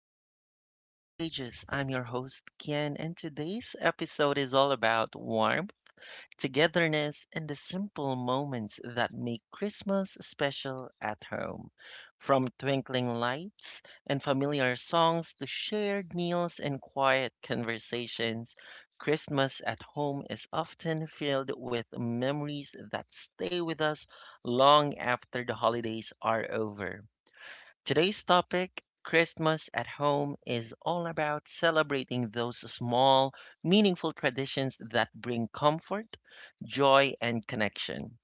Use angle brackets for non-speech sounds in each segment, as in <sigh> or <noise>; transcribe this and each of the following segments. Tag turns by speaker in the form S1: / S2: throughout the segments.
S1: back to Kian's Pages. I'm your host, Kian, and today's episode is all about warmth, togetherness, and the simple moments that make Christmas special at home. From twinkling lights and familiar songs to shared meals and quiet conversations, Christmas at home is often filled with memories that stay with us long after the holidays are over. Today's topic, Christmas at Home, is all about celebrating those small, meaningful traditions that bring comfort, joy, and connection.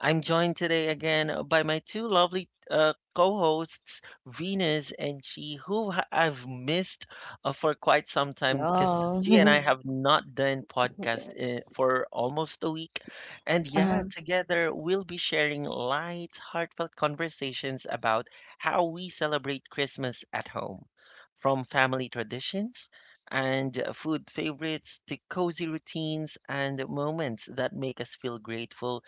S1: I'm joined today again by my two lovely co hosts, Venus and Chi, who I've missed for quite some time because
S2: Oh,
S1: Chi and I
S2: <laughs>
S1: have not done podcast
S3: Yes.
S1: for almost a week. And
S2: uh
S1: yeah, together we'll be sharing light, heartfelt conversations about how we celebrate Christmas at home, from family traditions and food favorites to cozy routines and moments that make us feel grateful.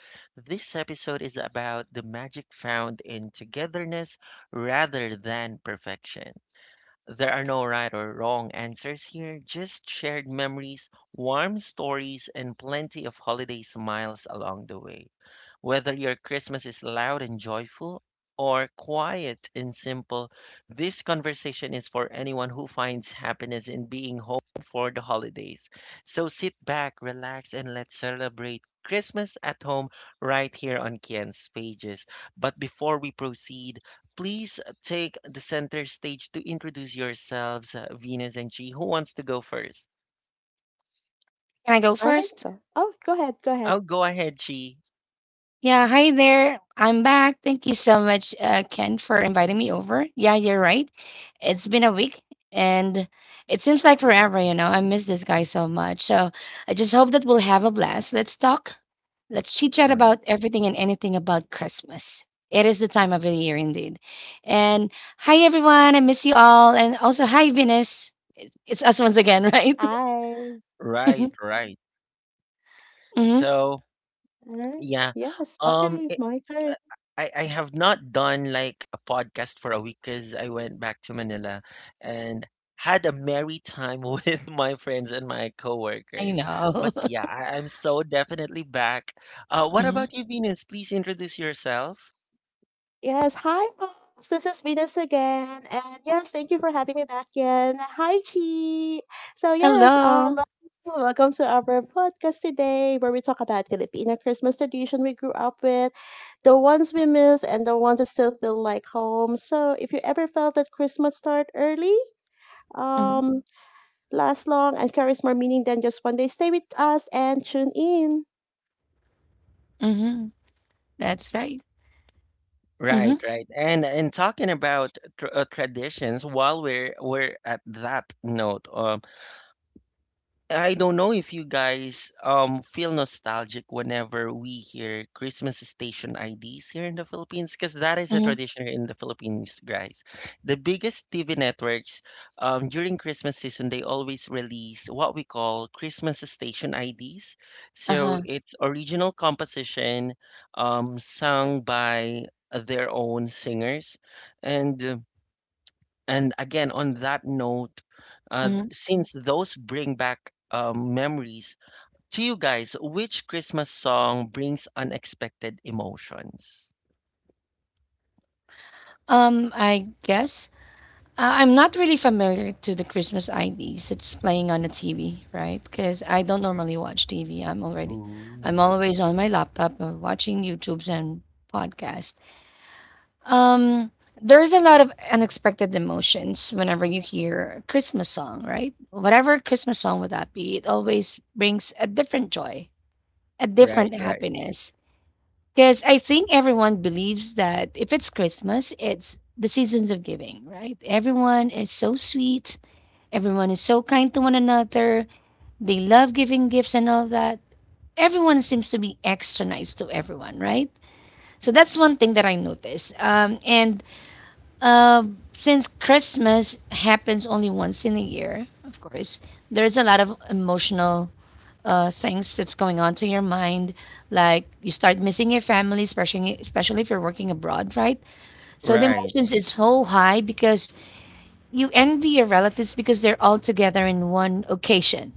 S1: This episode is about the magic found in togetherness rather than perfection. There are no right or wrong answers here, just shared memories, warm stories, and plenty of holiday smiles along the way. Whether your Christmas is loud and joyful or quiet and simple, this conversation is for anyone who finds happiness in being home for the holidays. So sit back, relax, and let's celebrate Christmas at home right here on Kian's pages. But before we proceed, please take the center stage to introduce yourselves, Venus and Chi. Who wants to go first?
S2: Can I go
S3: I can
S2: first?
S3: go. Oh, go ahead. Go ahead.
S1: I'll go ahead, Chi.
S2: Yeah, hi there. I'm back. Thank you so much, Ken, for inviting me over. Yeah, you're right. It's been a week and it seems like forever. I miss this guy so much. So I just hope that we'll have a blast. Let's talk. Let's chit chat
S1: Right.
S2: about everything and anything about Christmas. It is the time of the year indeed. And hi, everyone. I miss you all. And also, hi, Venus. It's us once again, <laughs> right?
S3: Hi.
S1: Right,
S2: <laughs>
S1: right.
S2: Hmm.
S1: So,
S3: Alright.
S1: yeah.
S3: Yes. Okay.
S1: Um
S3: My
S1: it,
S3: turn.
S1: I have not done like a podcast for a week cuz I went back to Manila and had a merry time <laughs> with my friends and my
S2: I
S1: coworkers.
S2: know.
S1: But yeah, I'm so definitely back. What about
S2: <laughs>
S1: you, Venus? Please introduce yourself.
S3: Yes. Hi, folks. This is Venus again. And yes, thank you for having me back again. Hi, Chi. So, yes, um,
S2: Hello.
S3: Welcome to our podcast today where we talk about Filipino Christmas tradition we grew up with, the ones we miss, and the ones that still feel like home. So, if you ever felt that Christmas start early,
S2: Mhm,
S3: um, last long and carries more meaning than just one day. Stay with us and tune in.
S2: mhm. That's right.
S1: Right,
S2: Mhm,
S1: right. And talking about tr traditions, while we're at that note, I don't know if you guys feel nostalgic whenever we hear Christmas station IDs here in the Philippines, because that is a
S2: mhm.
S1: tradition here in the Philippines, guys. The biggest TV networks during Christmas season they always release what we call Christmas station IDs. So
S2: Uh-huh.
S1: it's original composition sung by their own singers and again, on that note,
S2: Mhm.
S1: since those bring back memories, to you guys, which Christmas song brings unexpected emotions?
S2: I guess I'm not really familiar to the Christmas IDs that's playing on the TV, right? Because I don't normally watch TV. I'm already, I'm
S1: Ooh,
S2: always on my laptop watching YouTubes and podcasts. Um, there's a lot of unexpected emotions whenever you hear a Christmas song, right? Whatever Christmas song would that be, it always brings a different joy, a different
S1: right, right,
S2: happiness. Because I think everyone believes that if it's Christmas, it's the seasons of giving, right? Everyone is so sweet. Everyone is so kind to one another. They love giving gifts and all that. Everyone seems to be extra nice to everyone, right? So that's one thing that I notice. And uh, since Christmas happens only once in a year, of course, there's a lot of emotional things that's going on to your mind. Like you start missing your family, especially if you're working abroad, right? So the
S1: right,
S2: emotions is so high because you envy your relatives because they're all together in one occasion,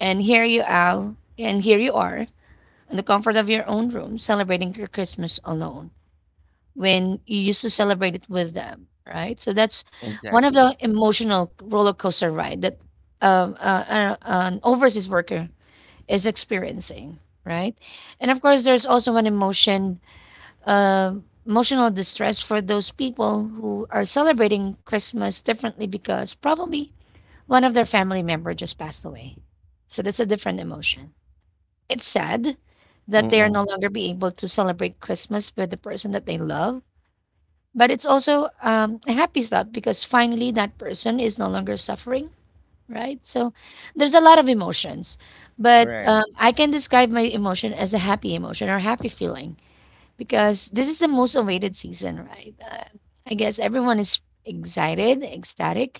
S2: and here you are, and here you are in the comfort of your own room celebrating your Christmas alone when you used to celebrate it with them, right? So that's one of the
S1: exactly.
S2: emotional roller coaster ride that. An overseas worker is experiencing, right? And of course, there's also an emotion, uh, emotional distress for those people who are celebrating Christmas differently because probably one of their family member just passed away. So that's a different emotion. It's sad that they are no
S1: Mm-mm,
S2: longer be able to celebrate Christmas with the person that they love, but it's also a happy thought because finally that person is no longer suffering, right? So there's a lot of emotions, but
S1: right,
S2: I can describe my emotion as a happy emotion or happy feeling because this is the most awaited season, right? I guess everyone is excited, ecstatic.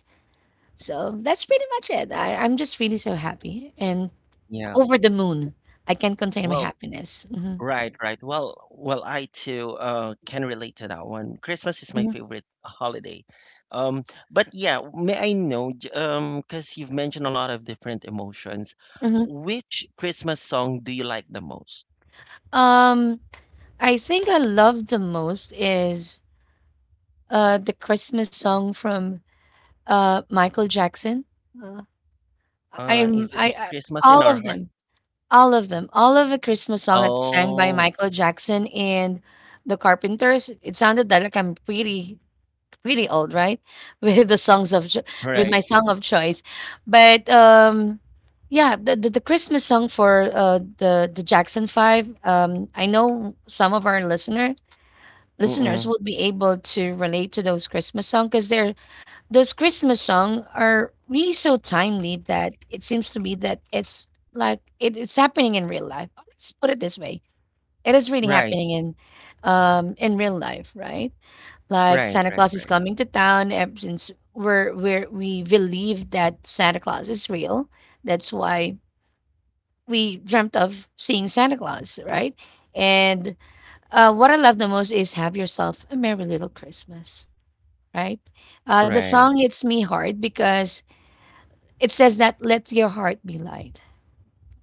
S2: So that's pretty much it. I'm just really so happy and
S1: yeah.
S2: over the moon. I can't contain my
S1: Well,
S2: happiness. Hmm.
S1: right, right. Well, well, I too can relate to that one. Christmas is my
S2: Hmm.
S1: favorite holiday. Um, but yeah, may I know, because you've mentioned a lot of different emotions,
S2: Hmm.
S1: which Christmas song do you like the most?
S2: Um, I think I love the most is the Christmas song from Michael Jackson. Uh, I am
S1: Is it the
S2: I
S1: Christmas in
S2: All
S1: Our
S2: of
S1: Heart?
S2: them, all of them, all of the Christmas song that's sang by
S1: Oh,
S2: Michael Jackson and the Carpenters. It sounded that like I'm pretty old, right? <laughs> With the songs of with my
S1: right.
S2: song of choice, but yeah, the Christmas song for the Jackson Five. I know some of our listeners
S1: Mm-mm.
S2: would be able to relate to those Christmas songs because they're those Christmas songs are really so timely that it seems to me that it's happening in real life. Let's put it this way: it is really
S1: Right,
S2: happening in real life, right? Like
S1: right,
S2: Santa
S1: right,
S2: Claus is
S1: right,
S2: coming to town. Ever since we believe that Santa Claus is real, that's why we dreamt of seeing Santa Claus, right? And what I love the most is "Have Yourself a Merry Little Christmas," right? The
S1: right.
S2: song hits me hard because it says that let your heart be light.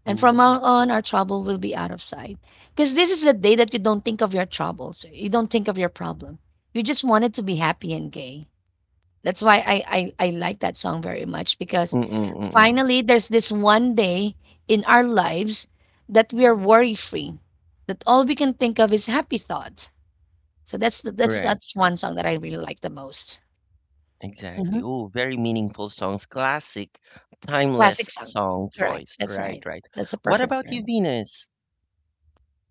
S2: And from now
S1: Ooh.
S2: on, our trouble will be out of sight. Because this is the day that you don't think of your troubles. You don't think of your problem. You just wanted to be happy and gay. That's why I like that song very much because
S1: Mm-mm, mm-mm.
S2: finally there's this one day in our lives that we are worry free, that all we can think of is happy thoughts. So
S1: Right,
S2: that's
S1: right.
S2: one song that I really like the most. Hmm.
S1: Exactly. Oh, very meaningful songs. Classic, timeless
S2: Classic song,
S1: song
S2: correct?
S1: choice.
S2: That's
S1: Right,
S2: right.
S1: right.
S2: That's a
S1: What
S2: perfect
S1: about you,
S2: term.
S1: Venus?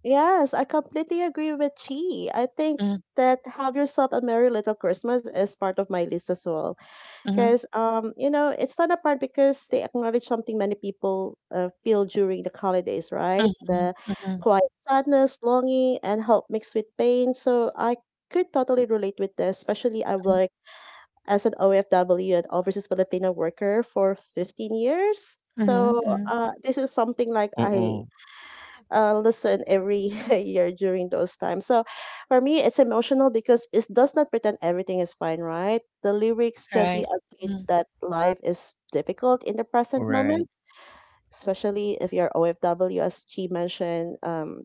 S3: Yes, I completely agree with Chi. I think
S2: Mhm,
S3: that have yourself a merry little Christmas is part of my list as well.
S2: mhm.
S3: Because you know, it's not a part because they acknowledge something many people feel during the holidays, right?
S2: Mhm,
S3: The
S2: mhm,
S3: quiet sadness, longing, and hope mixed with pain. So I could totally relate with this, especially I
S2: mhm,
S3: will as an OFW, an overseas Filipino worker, for 15 years.
S2: mhm,
S3: So
S2: mhm,
S3: this is something like I
S1: Mm-mm.
S3: listen every <laughs> year during those times. So for me, it's emotional because it does not pretend everything is fine, right? The lyrics gently
S2: right,
S3: admit
S2: mhm,
S3: that life is difficult in the present
S1: Right.
S3: moment, especially if you're OFW, as she mentioned.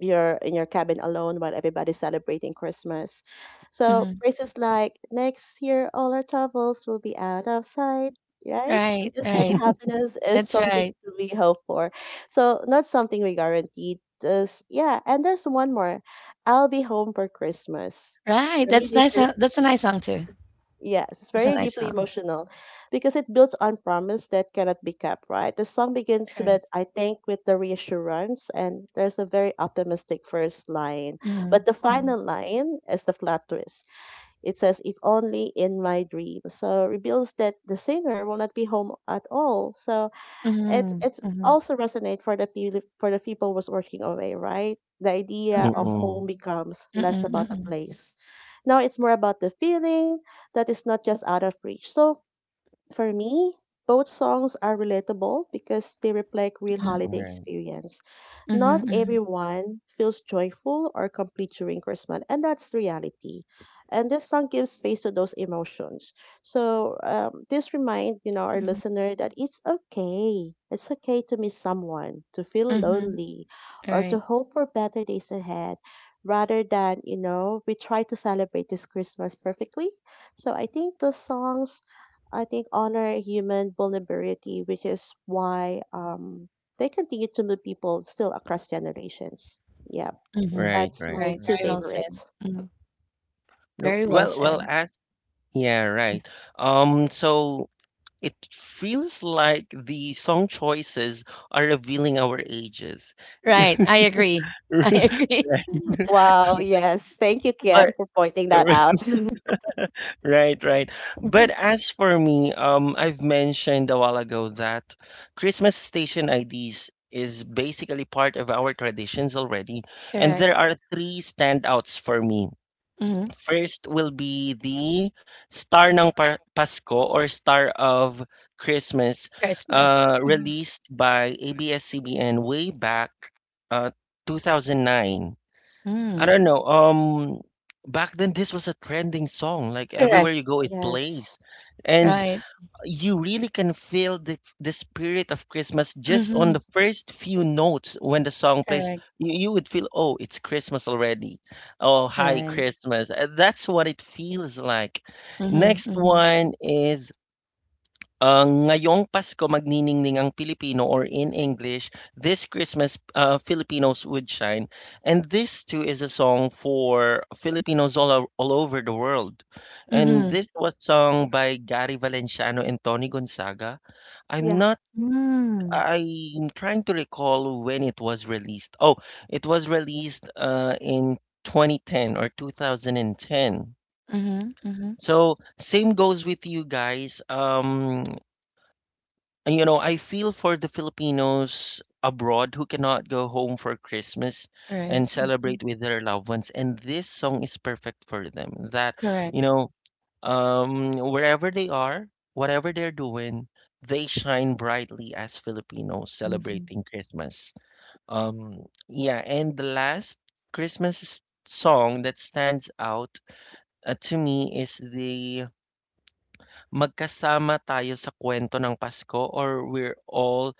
S3: You're in your cabin alone while everybody's celebrating Christmas. So
S2: mhm,
S3: phrases like next year all our troubles will be out of sight, right? So
S2: right,
S3: just that
S2: right,
S1: <laughs>
S3: happiness is something
S2: right,
S3: to be hoped for. So not something we guaranteed. Just yeah, and there's one more. I'll be home for Christmas.
S2: right,
S3: For me,
S2: that's
S3: this
S2: nice,
S3: is
S2: that's a nice song too,
S3: yes, it's
S2: that's a
S3: very
S2: nice
S3: deeply
S2: song,
S3: emotional because it builds on promise that cannot be kept, right? The song begins
S2: correct,
S3: with, I think, with the reassurance, and there's a very optimistic first line.
S2: mhm,
S3: But the
S2: mhm,
S3: final line is the flat twist. It says, if only in my dream. So reveals that the singer will not be home at all. So it's
S2: mhm,
S3: it's
S2: mhm,
S3: also resonate for the people was working away, right? The idea of
S2: mhm,
S3: home
S1: Mm-mm.
S3: becomes less
S2: mhm,
S3: about a
S2: mhm,
S3: place. Now it's more about the feeling that is not just out of reach. So for me, both songs are relatable because they reflect real
S2: mhm,
S3: holiday
S1: Right,
S3: experience. Not
S2: mhm, mhm,
S3: everyone feels joyful or complete during Christmas, and that's reality. And this song gives space to those emotions. So this remind you know our
S2: mhm,
S3: listener that it's okay. It's okay to miss someone, to feel
S2: mhm.
S3: lonely, or to
S2: Right,
S3: hope for better days ahead. Rather than you know we try to celebrate this Christmas perfectly. So I think the songs I think honor human vulnerability, which is why they continue to move people still across generations. Yeah,
S2: mhm,
S1: right,
S3: that's my
S1: right,
S2: right,
S3: right, two
S2: very well
S1: right.
S2: said,
S3: favorites.
S2: mhm,
S1: No,
S2: very well
S1: well, well,
S2: said,
S1: as yeah, right. So it feels like the song choices are revealing our ages.
S2: right, I agree, <laughs> I
S1: <laughs>
S2: agree,
S3: Wow, yes. Thank you,
S1: Right.
S3: Ken, for pointing
S1: But
S3: that out.
S1: <laughs>
S3: <laughs>
S1: right, right. But
S2: <laughs>
S1: as for me, I've mentioned a while ago that Christmas station IDs is basically part of our traditions already, and
S2: correct,
S1: there are three standouts for me.
S2: mhm,
S1: First will be the Star ng Pasko or Star of Christmas,
S2: Christmas, mhm,
S1: released by ABS-CBN way back uh, 2009. I
S2: mm,
S1: don't know. Back then this was a trending song. Like everywhere
S2: correct,
S1: you go, it
S3: Yes.
S1: plays, and
S2: right,
S1: you really can feel the spirit of Christmas just on
S2: mhm,
S1: the first few notes when the song plays.
S2: correct.
S1: You would feel, oh, it's Christmas already. Oh, hi,
S2: Right.
S1: Christmas. That's what it feels like.
S2: Mhm,
S1: Next
S2: mhm,
S1: one is Ang ngayong Pasko magniningning ang Pilipino or in English, This Christmas, Filipinos Would Shine, and this too is a song for Filipinos all over the world. And
S2: mhm.
S1: this was sung by Gary Valenciano and Tony Gonzaga. I'm
S3: Yeah.
S1: not
S2: Mm.
S1: I'm trying to recall when it was released. Oh, it was released in 2010 or 2010.
S2: Mhm, mhm.
S1: So same goes with you guys. You know, I feel for the Filipinos abroad who cannot go home for Christmas
S2: Right.
S1: and
S2: Mhm.
S1: celebrate with their loved ones. And this song is perfect for them. That, you
S2: Correct.
S1: know, wherever they are, whatever they're doing, they shine brightly as Filipinos
S2: Yes. Mhm.
S1: celebrating Christmas. Yeah, and the last Christmas song that stands out to me is the Magkasama Tayo sa Kwento ng Pasko or We're All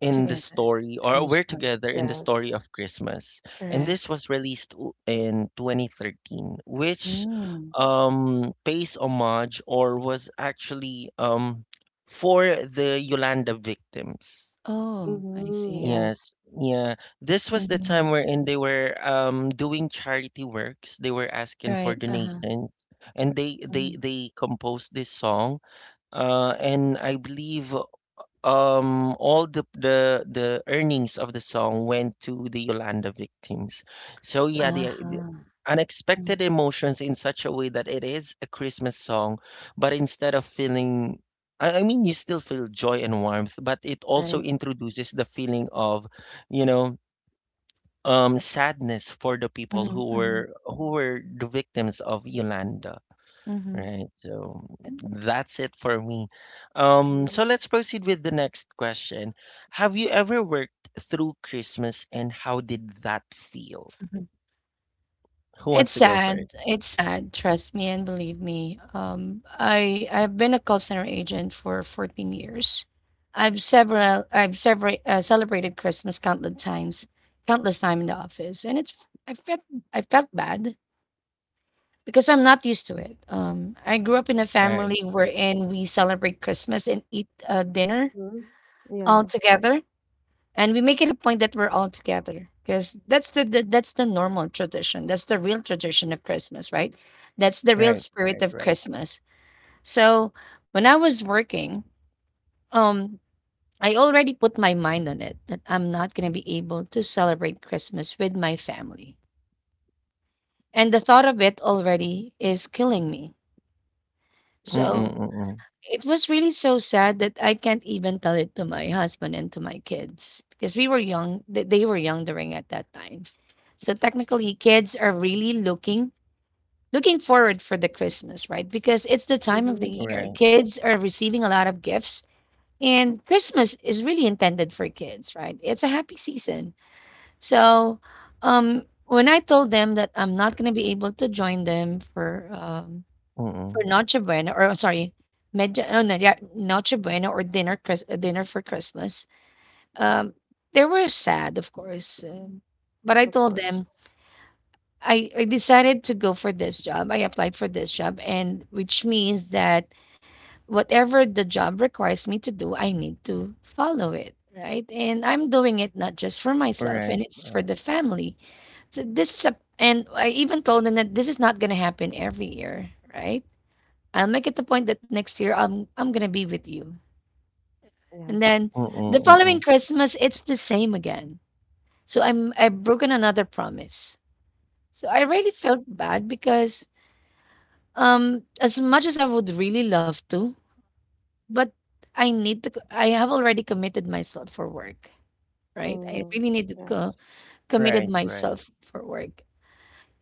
S1: in the
S2: Together. Yes.
S1: story, or
S2: Spanish
S1: we're
S2: noise.
S1: together in the story
S3: Yes.
S1: of Christmas. And this
S2: Correct.
S1: was released in 2013, which
S2: Mm.
S1: pays homage or was actually for the Yolanda victims.
S2: Oh, I
S3: Mm-hmm.
S2: see.
S3: Yes.
S1: Yes, yeah. This was the time
S2: Mhm.
S1: wherein they were doing charity works. They were asking for
S2: Right. Uh-huh.
S1: donations, and they
S2: Mhm.
S1: they composed this song. And I believe all the the earnings of the song went to the Yolanda victims. So yeah, the
S2: Uh-huh. S Mm.
S1: unexpected emotions in such a way that it is a Christmas song, but instead of feeling I mean, you still feel joy and warmth, but it also
S2: Right.
S1: introduces the feeling of, you know, sadness for the people
S2: Mhm, mhm,
S1: who were the victims of Yolanda.
S2: mhm.
S1: Right. So that's it for me. So
S3: Mm-hmm.
S1: let's proceed with the next question. Have you ever worked through Christmas and how did that feel?
S2: And
S1: Who
S2: it's
S1: wants to go first?
S2: sad. It's sad. Trust me and believe me. I've been a call center agent for 14 years. I've several celebrated Christmas countless times, countless time in the office, and it's I felt I felt bad because I'm not used to it. I grew up in a family
S1: Right, right,
S2: wherein we celebrate Christmas and eat dinner
S3: Mm-hmm.
S2: all
S3: Yeah.
S2: together and we make it a point that we're all together because that's the normal tradition, that's the real tradition of Christmas, right? That's the real
S1: right, right,
S2: spirit of
S1: right.
S2: Christmas. So when I was working, um I already put my mind on it that I'm not going to be able to celebrate Christmas with my family, and the thought of it already is killing me.
S1: Mm-mm,
S2: So
S1: mm-mm.
S2: it was really so sad that I can't even tell it to my husband and to my kids because we were young. They were young during at that time. So technically, kids are really looking forward for the Christmas, right? Because it's the time of
S3: Mm-hmm.
S2: the year.
S1: Right,
S2: Kids are receiving a lot of gifts, and Christmas is really intended for kids, right? It's a happy season. So, when I told them that I'm not going to be able to join them for
S1: mm-mm.
S2: Noche Buena, or I'm sorry, Medya, no, no, yeah, Noche Buena or dinner, dinner for Christmas. Um, they were sad, of course, but I
S3: Of
S2: told
S3: course.
S2: them I decided to go for this job. I applied for this job, and which means that whatever the job requires me to do, I need to follow it. Right. And I'm doing it not just for myself
S1: Right,
S2: and it's for
S1: right.
S2: the family. So this is a, and I even told them that this is not going to happen every year. Right, I'll make it a point that next year I'm gonna be with you. And
S3: Yes.
S2: then the
S1: Mm-mm,
S2: following
S1: mm-mm.
S2: Christmas, it's the same again. So I've broken another promise. So I really felt bad because as much as I would really love to, but I need to co- I have already committed myself for work, right? I
S3: Mm.
S2: really need to
S3: Yes.
S1: Right,
S2: committed
S1: right.
S2: myself for work.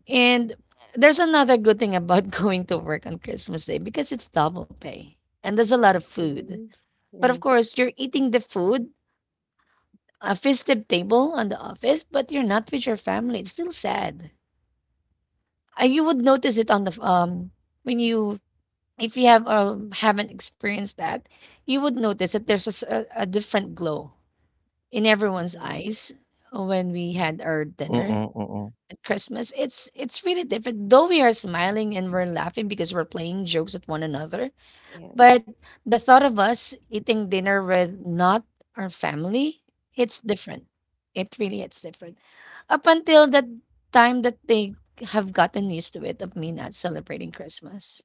S2: And there's another good thing about <laughs> going to work on Christmas Day because it's double pay and there's a lot of food.
S3: Mm-hmm.
S2: But of
S3: Yes.
S2: course, you're eating the food, a festive table on the office, but you're not with your family. It's still sad. You would notice it on the f- when you if you have haven't experienced that, you would notice that there's a, a different glow in everyone's
S3: Mm-hmm.
S2: eyes when we had
S1: Mm-mm,
S2: our
S1: mm-mm.
S2: dinner at Christmas. It's really different. Though we are smiling and we're laughing because we're playing jokes at one another,
S3: Yes.
S2: but the thought of us eating dinner with not our family, it's different. It's different. Up until that time that they have gotten used to it of me not celebrating Christmas.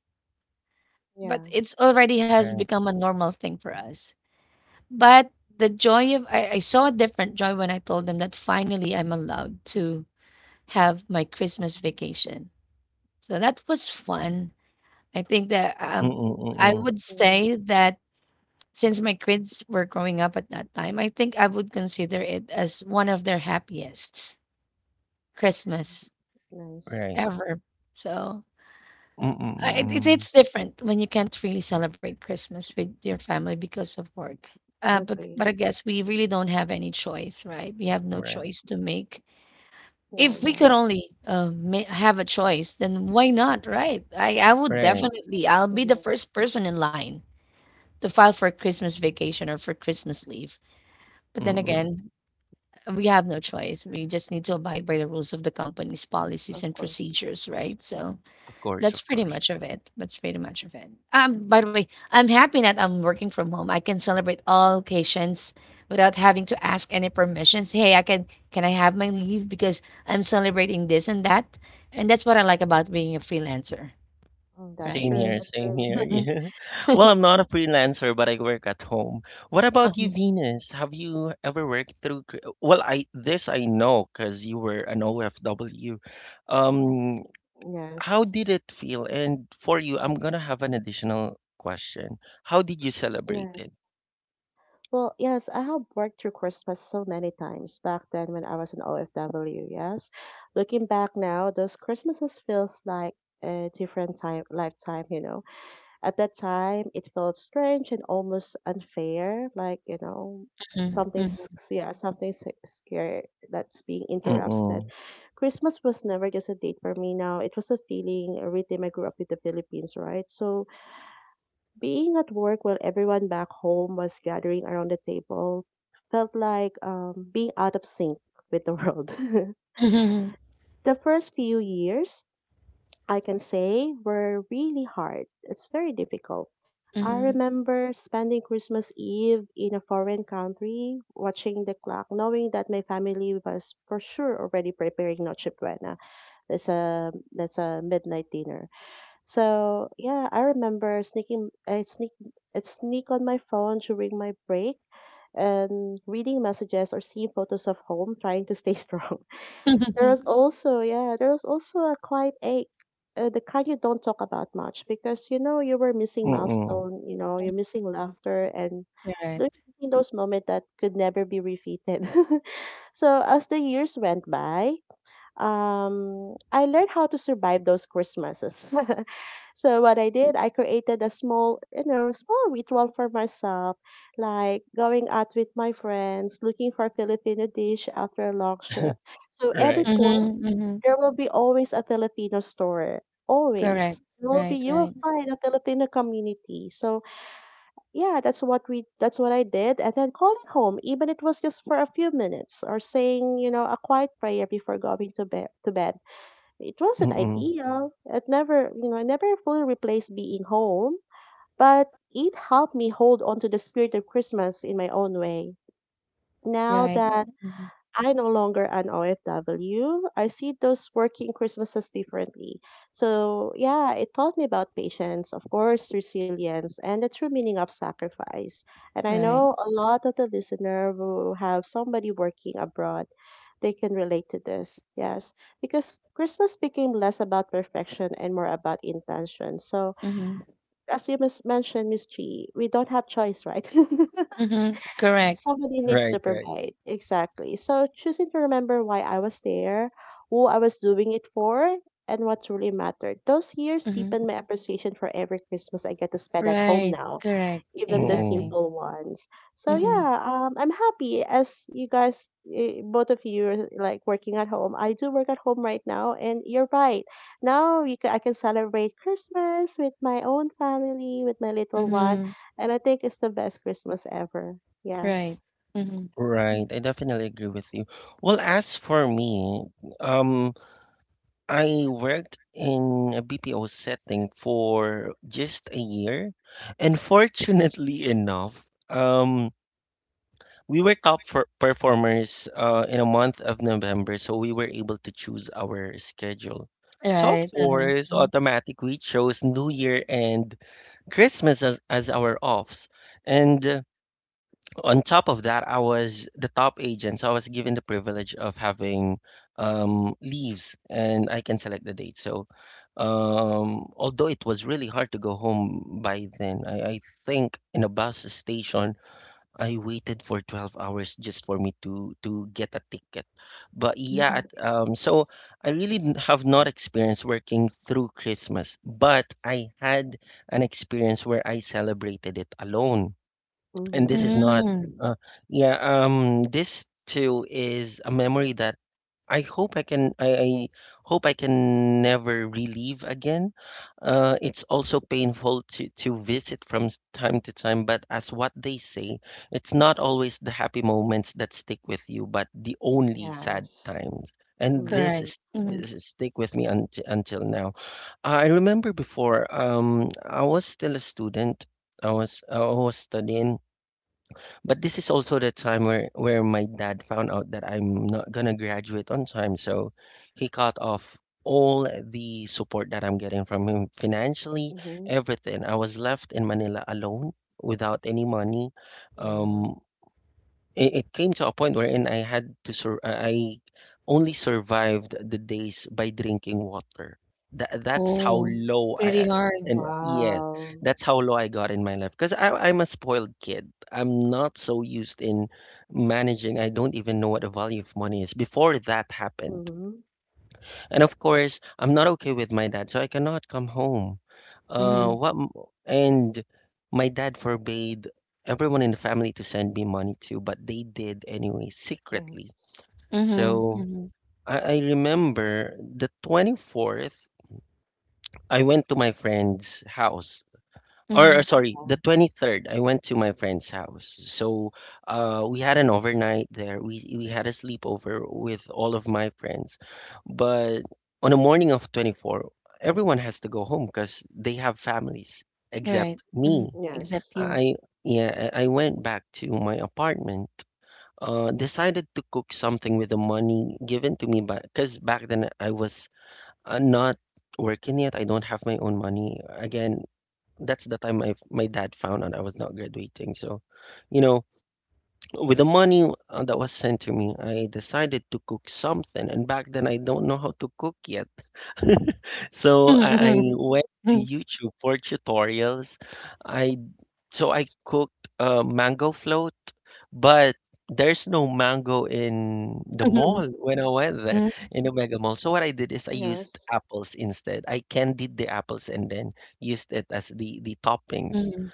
S2: But
S3: Yeah.
S2: it's already
S1: Right.
S2: has become a normal thing for us. But the joy of I saw a different joy when I told them that finally I'm allowed to have my Christmas vacation. So that was fun. I think that
S3: Mm-hmm.
S1: Mm-mm,
S3: Yeah.
S2: I
S1: mm-mm.
S2: would
S3: Mhm.
S2: say that since my kids were growing up at that time, I think I would consider it as one of their happiest Christmas
S3: Nice.
S1: Right.
S2: ever. So
S1: Mm-mm, mm-mm.
S2: it's different when you can't really celebrate Christmas with your family because of work. But
S3: Agree.
S2: I guess we really don't have any choice, right? We have no
S1: Right,
S2: choice to make.
S3: Yeah.
S2: If we
S3: Yeah.
S2: could only have a choice, then why not, right? I would
S1: right.
S2: definitely, I'll be the first
S3: Yes.
S2: person in line to file for Christmas vacation or for Christmas leave. But then
S1: Mm-mm.
S2: again, we have no choice. We just need to abide by the rules of the company's policies
S3: Of
S2: and
S3: course.
S2: procedures, right? So
S1: Of course,
S2: that's
S1: of
S2: pretty
S1: course.
S2: much of it. That's pretty much of it. By the way, I'm happy that I'm working from home. I can celebrate all occasions without having to ask any permissions. Hey, I can I have my leave because I'm celebrating this and that, and that's what I like about being a freelancer,
S3: Mm, that's
S2: right?
S1: Same
S3: true.
S1: here,
S3: That's
S1: same
S3: true.
S1: here. <laughs>
S2: Mhm.
S1: Yeah. Well,
S2: <laughs>
S1: I'm not a freelancer, but I work at home. What about you,
S2: mhm,
S1: Venus? Have you ever worked through? Well, I this I know because you were an OFW. Um,
S3: Yes.
S1: how did it feel? And for you, I'm gonna have an additional question. How did you celebrate
S3: Yes.
S1: it?
S3: Well, yes, I have worked through Christmas so many times back then when I was an OFW. Yes, looking back now, those Christmases feels like a different time lifetime. You know, at that time it felt strange and almost unfair. Like you know, something's
S2: mhm,
S3: yeah, something's scary that's being interrupted.
S1: Mm-mm.
S3: Christmas was never just a date for me. Now it was a feeling, a rhythm. I grew up in the Philippines, right? So being at work while everyone back home was gathering around the table felt like being out of sync with the world.
S2: mhm,
S3: <laughs> The first few years, I can say, were really hard. It's very difficult.
S2: mhm,
S3: I
S2: mhm,
S3: remember spending Christmas Eve in a foreign country, watching the clock, knowing that my family was for sure already preparing noche buena. That's a midnight dinner. So yeah, I remember I sneak on my phone during my break and reading messages or seeing photos of home, trying to stay <laughs> strong. There was
S2: <laughs>
S3: also yeah, there was also a quiet ache, the kind you don't talk about much because you know you were missing
S1: Mm-mm.
S3: milestone, you know you're missing laughter and those
S2: correct.
S3: those moments that could never be repeated. <laughs> So as the years went by, I learned how to survive those Christmases. <laughs> So what I did, I created a small, you know, small ritual for myself, like going out with my friends, looking for Filipino dish after a long shift.
S1: <laughs>
S3: So every
S1: Right.
S3: port,
S2: Mhm, mhm,
S3: there will be always a Filipino store,
S2: correct.
S3: always. There will be
S2: Right.
S3: you will
S2: Right.
S3: find a Filipino community. So yeah, that's what I did, and then calling home even it was just for a few minutes, or saying you know a quiet prayer before going to bed. It wasn't
S1: Mm-mm.
S3: ideal. It never, you know, it never fully replaced being home, but it helped me hold on to the spirit of Christmas in my own way now
S2: Right.
S3: that
S2: Mhm.
S3: I no longer an OFW. I see those working Christmases differently. So, yeah, it taught me about patience, of course, resilience, and the true meaning of sacrifice. And I
S2: Right.
S3: know a lot of the listener who have somebody working abroad, they can relate to this. Yes, because Christmas became less about perfection and more about intention. So,
S2: Mhm.
S3: as you mis- mentioned, Miss G, we don't have choice, right? <laughs>
S2: Mhm. Correct.
S3: Somebody needs
S1: Right,
S3: to
S1: right.
S3: provide. Exactly. So choosing to remember why I was there, who I was doing it for, and what truly mattered. Those years deepened
S2: Mhm.
S3: my appreciation for every Christmas I get to spend at home
S2: Right.
S3: now,
S2: Correct.
S3: even the
S1: Mm-mm.
S2: Exactly.
S3: simple ones. So
S2: Mhm.
S3: yeah, I'm happy as you guys, eh, both of you are like working at home. I do work at home right now, and you're right. Now you can, I can celebrate Christmas with my own family, with my little one,
S2: Mhm.
S3: and I think it's the best Christmas ever.
S2: Right.
S3: Yes.
S2: Mhm.
S1: Right. I definitely agree with you. Well, as for me, um, I worked in a BPO setting for just a year, and fortunately enough, we were top for performers in a month of November, so we were able to choose our schedule. So of
S2: Right. Uh-huh.
S1: course,
S2: Mhm.
S1: automatic we chose New Year and Christmas as our offs, and on top of that, I was the top agent, so I was given the privilege of having leaves, and I can select the date. So, although it was really hard to go home by then, I think in a bus station, I waited for 12 hours just for me to get a ticket. But yeah, at,
S2: Mhm.
S1: so I really have not experienced working through Christmas, but I had an experience where I celebrated it alone, and this is
S3: Mm-hmm.
S1: not
S2: Mhm.
S1: uh, yeah, this too is a memory that I hope I can never relive again. Uh, it's also painful to visit from time to time, but as what they say, it's not always the happy moments that stick with you but the only sad
S3: Yes.
S1: times, and this
S2: Correct.
S3: Mm-hmm.
S2: Mhm.
S1: stick with me until now. I remember before, I was still a student. I was studying, but this is also the time where my dad found out that I'm not gonna graduate on time, so he cut off all the support that I'm getting from him financially,
S3: Mm-hmm.
S1: everything. I was left in Manila alone without any money,
S3: Yeah.
S1: um, it came to a point wherein I had to I only survived the days by drinking water. That's how
S2: Oh, it's
S1: low
S2: pretty
S1: I
S2: hard.
S1: and yes,
S3: Wow.
S1: that's how low I got in my life. Because I'm a spoiled kid. I'm not so used in managing. I don't even know what the value of money is before that happened.
S3: Mm-hmm.
S1: And of course, I'm not okay with my dad, so I cannot come home. Uh,
S2: Mhm.
S1: what? m- And my dad forbade everyone in the family to send me money too, but they did anyway, secretly.
S3: Yes.
S2: Mhm.
S1: So
S2: Mhm.
S1: I remember the 24th, I went to my friend's house or
S2: Mhm.
S1: sorry,
S3: Yeah.
S1: the 23rd, I went to my friend's house. So we had an overnight there. We had a sleepover with all of my friends. But on the morning of 24, everyone has to go home because they have families, except
S2: Right. Mhm.
S1: me.
S2: Except
S3: Yes.
S2: you.
S1: I Yeah, I went back to my apartment. Decided to cook something with the money given to me by because back then I was not working yet. I don't have my own money. Again, that's the time I my dad found out I was not graduating. So, you know, with the money that was sent to me, I decided to cook something. And back then, I don't know how to cook yet. <laughs> So
S2: <laughs>
S1: I
S2: Mhm.
S1: went to
S2: Mhm.
S1: YouTube for tutorials. I so I cooked a mango float, but there's no mango in the
S2: Mhm.
S1: mall when I went there
S2: Mhm.
S1: in the mega mall. So what I did is I used
S3: Yes.
S1: apples instead. I candied the apples and then used it as the toppings.
S2: Mhm.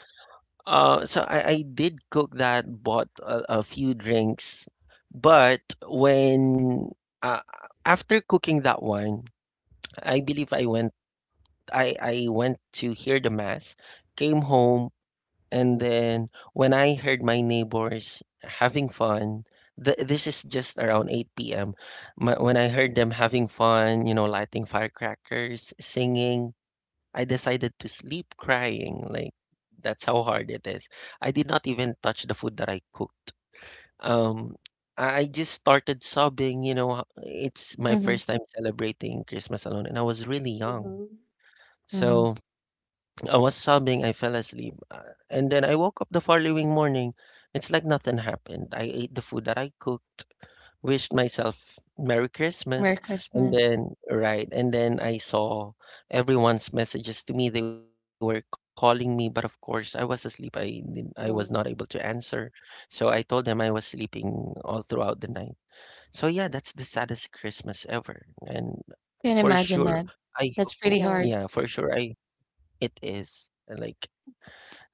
S1: So I did cook that, bought a few drinks, but when uh, after cooking that one, I believe I went to hear the mass, came home, and then when I heard my neighbors having fun, th this is just around 8 p.m. When I heard them having fun, lighting firecrackers, singing, I decided to sleep crying. Like that's how hard it is. I did not even touch the food that I cooked. Um, I just started sobbing. You know, it's my
S2: Mhm.
S1: first time celebrating Christmas alone, and I was really young.
S3: Mm-hmm.
S2: Mhm.
S1: So I was sobbing. I fell asleep, and then I woke up the following morning. It's like nothing happened. I ate the food that I cooked, wished myself Merry
S2: Merry
S1: Christmas. And
S2: Christmas.
S1: then, right. And then I saw everyone's messages to me. They were calling me, but of course, I was asleep. I was not able to
S3: Mm-hmm.
S1: answer. So I told them I was sleeping all throughout the night. So yeah, that's the saddest Christmas ever. And
S2: Can't
S1: for
S2: imagine
S1: sure,
S2: that.
S1: I
S2: That's
S1: hope,
S2: pretty
S3: Yes.
S2: hard.
S1: yeah, for sure, I it is. And like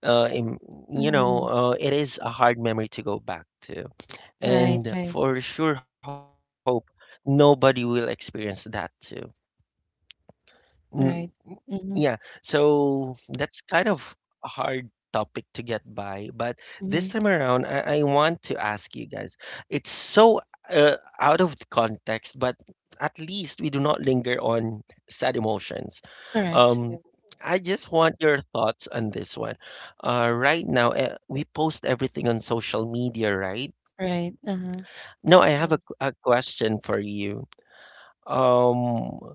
S1: uh, im- you know,
S2: Mhm.
S1: it is a hard memory to go back to.
S2: Right. Right.
S1: And for sure, hope nobody will experience that too.
S2: Right. Mhm,
S1: Yeah, so that's kind of a hard topic to get by, but this
S2: mhm.
S1: time around, I want to ask you guys. It's so out of the context, but at least we do not linger on sad emotions.
S2: Correct.
S1: Um,
S3: Yes.
S1: I just want your thoughts on this one. Right now, we post everything on social media, right?
S2: Right. Uh-huh.
S1: No, I have a, q-
S3: Yes.
S1: a question for you. Um,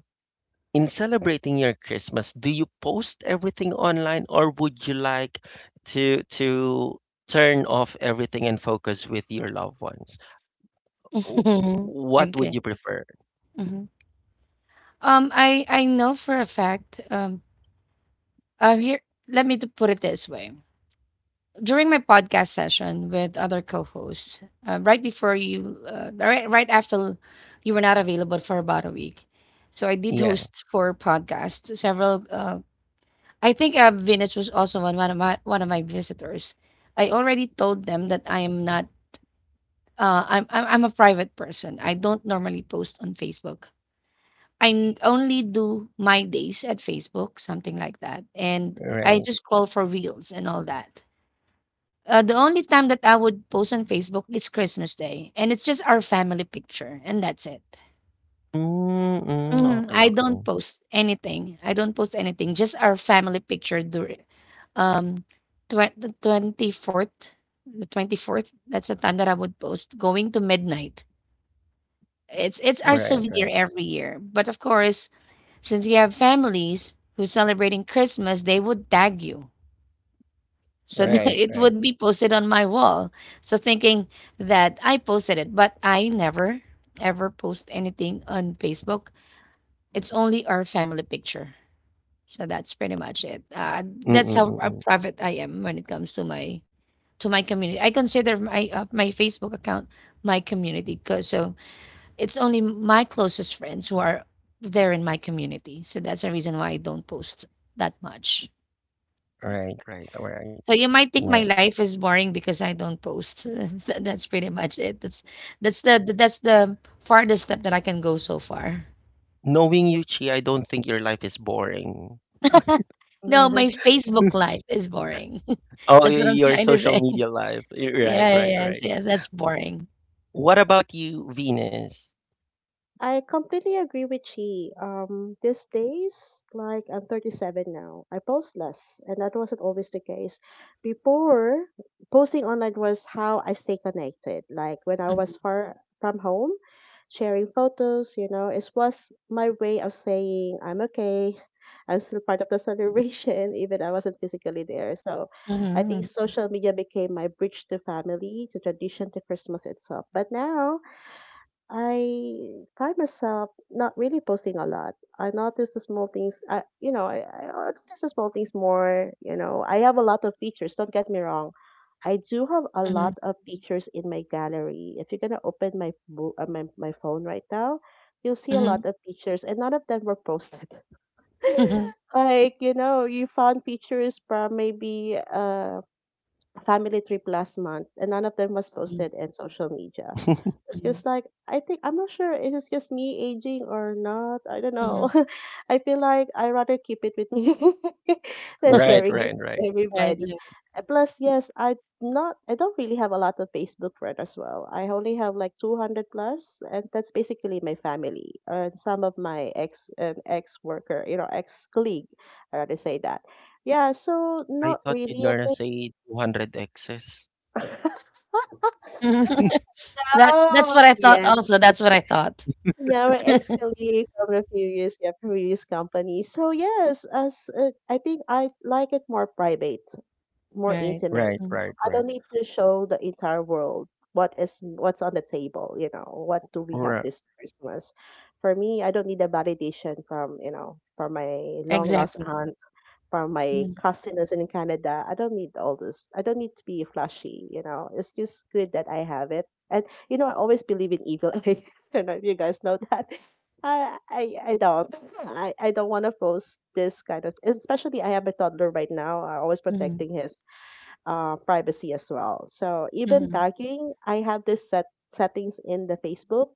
S1: in celebrating your Christmas, do you post everything online or would you like to turn off everything and focus with your loved ones? W-
S2: <laughs>
S1: What
S2: Okay.
S1: would
S2: Okay.
S1: you prefer?
S2: Mhm. I know for a fact. Here, let me to put it this way. During my podcast session with other co-hosts, right before you, right after you were not available for about a week, so I did
S1: Yeah,
S2: host four podcasts. Several. I think Venus was also one of my visitors. I already told them that I am not. I'm a private person. I don't normally post on Facebook. I only do my days at Facebook, something like that, and I
S1: right.
S2: just scroll for reels and all that. The only time that I would post on Facebook is Christmas Day, and it's just our family picture, and that's it.
S1: Mm-mm,
S2: Mhm.
S1: okay,
S2: I don't
S1: okay.
S2: post anything. I don't post anything. Just our family picture during um the 24th, the 24th, that's the time that I would post going to midnight. It's our
S1: Right,
S2: souvenir
S1: right,
S2: every year. But of course, since we have families who's celebrating Christmas, they would tag you. So <laughs> that
S1: right,
S3: Yes.
S2: it
S1: right.
S2: would be posted on my wall. So thinking that I posted it, but I never ever post anything on Facebook. It's only our family picture. So that's pretty much it. That's how
S1: Mm-mm-mm.
S2: private I am when it comes to my community. I consider my my Facebook account my community. So it's only my closest friends who are there in my community, so that's the reason why I don't post that much.
S1: Right, right, all right.
S2: So you might think
S1: Yeah.
S2: my life is boring because I don't post. <laughs> That's pretty much it. That's the farthest step that I can go so far.
S1: Knowing you, Chi, I don't think your life is boring.
S2: No, my
S3: <laughs>
S2: Facebook
S1: <laughs>
S2: life is boring.
S1: Oh,
S2: <laughs> That's what I'm
S1: your
S2: trying to
S1: social
S2: say. <laughs>
S1: media life. Right,
S2: Yeah,
S1: right,
S2: yes,
S1: right.
S2: yes, that's boring.
S1: What about you, Venus?
S3: I completely agree with Chi. These days, like I'm 37 now, I post less, and that wasn't always the case. Before, posting online was how I stay connected. Like when I was
S2: Mhm,
S3: far from home, sharing photos, you know, it was my way of saying I'm okay. <laughs> I'm still part of the celebration, <laughs> even I wasn't physically there. So I think
S2: mhm,
S3: social media became my bridge to family, to tradition, to Christmas itself. But now I find myself not really posting a lot. I notice the small things. I notice the small things more. You know, I have a lot of features. Don't get me wrong. I do have a
S2: mhm,
S3: lot of features in my gallery. If you're gonna open my my phone right now, you'll see a lot
S2: mhm,
S3: of features, and none of them were posted.
S2: mhm,
S3: <laughs> Like you know, you found features from maybe family trip last month, and none of them was
S2: mhm,
S3: posted in social media.
S1: <laughs>
S3: It's just
S2: mhm,
S3: like I think I'm not sure if it is just me aging or not. I don't know.
S2: mhm.
S3: <laughs> I feel like I rather keep it with me <laughs> than
S1: Right,
S3: sharing
S2: <laughs>
S3: it
S1: right, right.
S3: with
S2: Right,
S3: everybody.
S2: right.
S3: Plus, yes, I don't really have a lot of Facebook friends as well. I only have like 200 plus, and that's basically my family and some of my ex worker, you know, ex colleague. I rather say that. Yeah, so
S1: I
S3: not
S1: thought
S3: really at
S1: you're
S3: this.
S1: gonna say 200 X's.
S3: <laughs>
S2: <laughs> That's
S3: Oh,
S2: what I thought
S3: yeah.
S2: also. That's what I thought.
S3: Now an ex-colleague from a previous company. So yes, as I think I like it more private, more
S2: Right.
S3: intimate.
S1: Right,
S2: Mm.
S1: right,
S3: I
S1: right.
S3: don't need to show the entire world what's on the table. You know, what do we have
S1: Right,
S3: this Christmas? For me, I don't need the validation from you know from my long lost
S2: Exactly.
S3: aunt from my
S2: Mhm,
S3: cousin who's in Canada. I don't need all this. I don't need to be flashy, you know. It's just good that I have it. And you know, I always believe in evil eye. <laughs> I don't know if you guys know that. <laughs> I don't. <laughs> I don't want to post this kind of, especially I have a toddler right now. I'm always
S2: mhm,
S3: protecting his privacy as well. So even
S2: mhm.
S3: tagging, I have this settings in the Facebook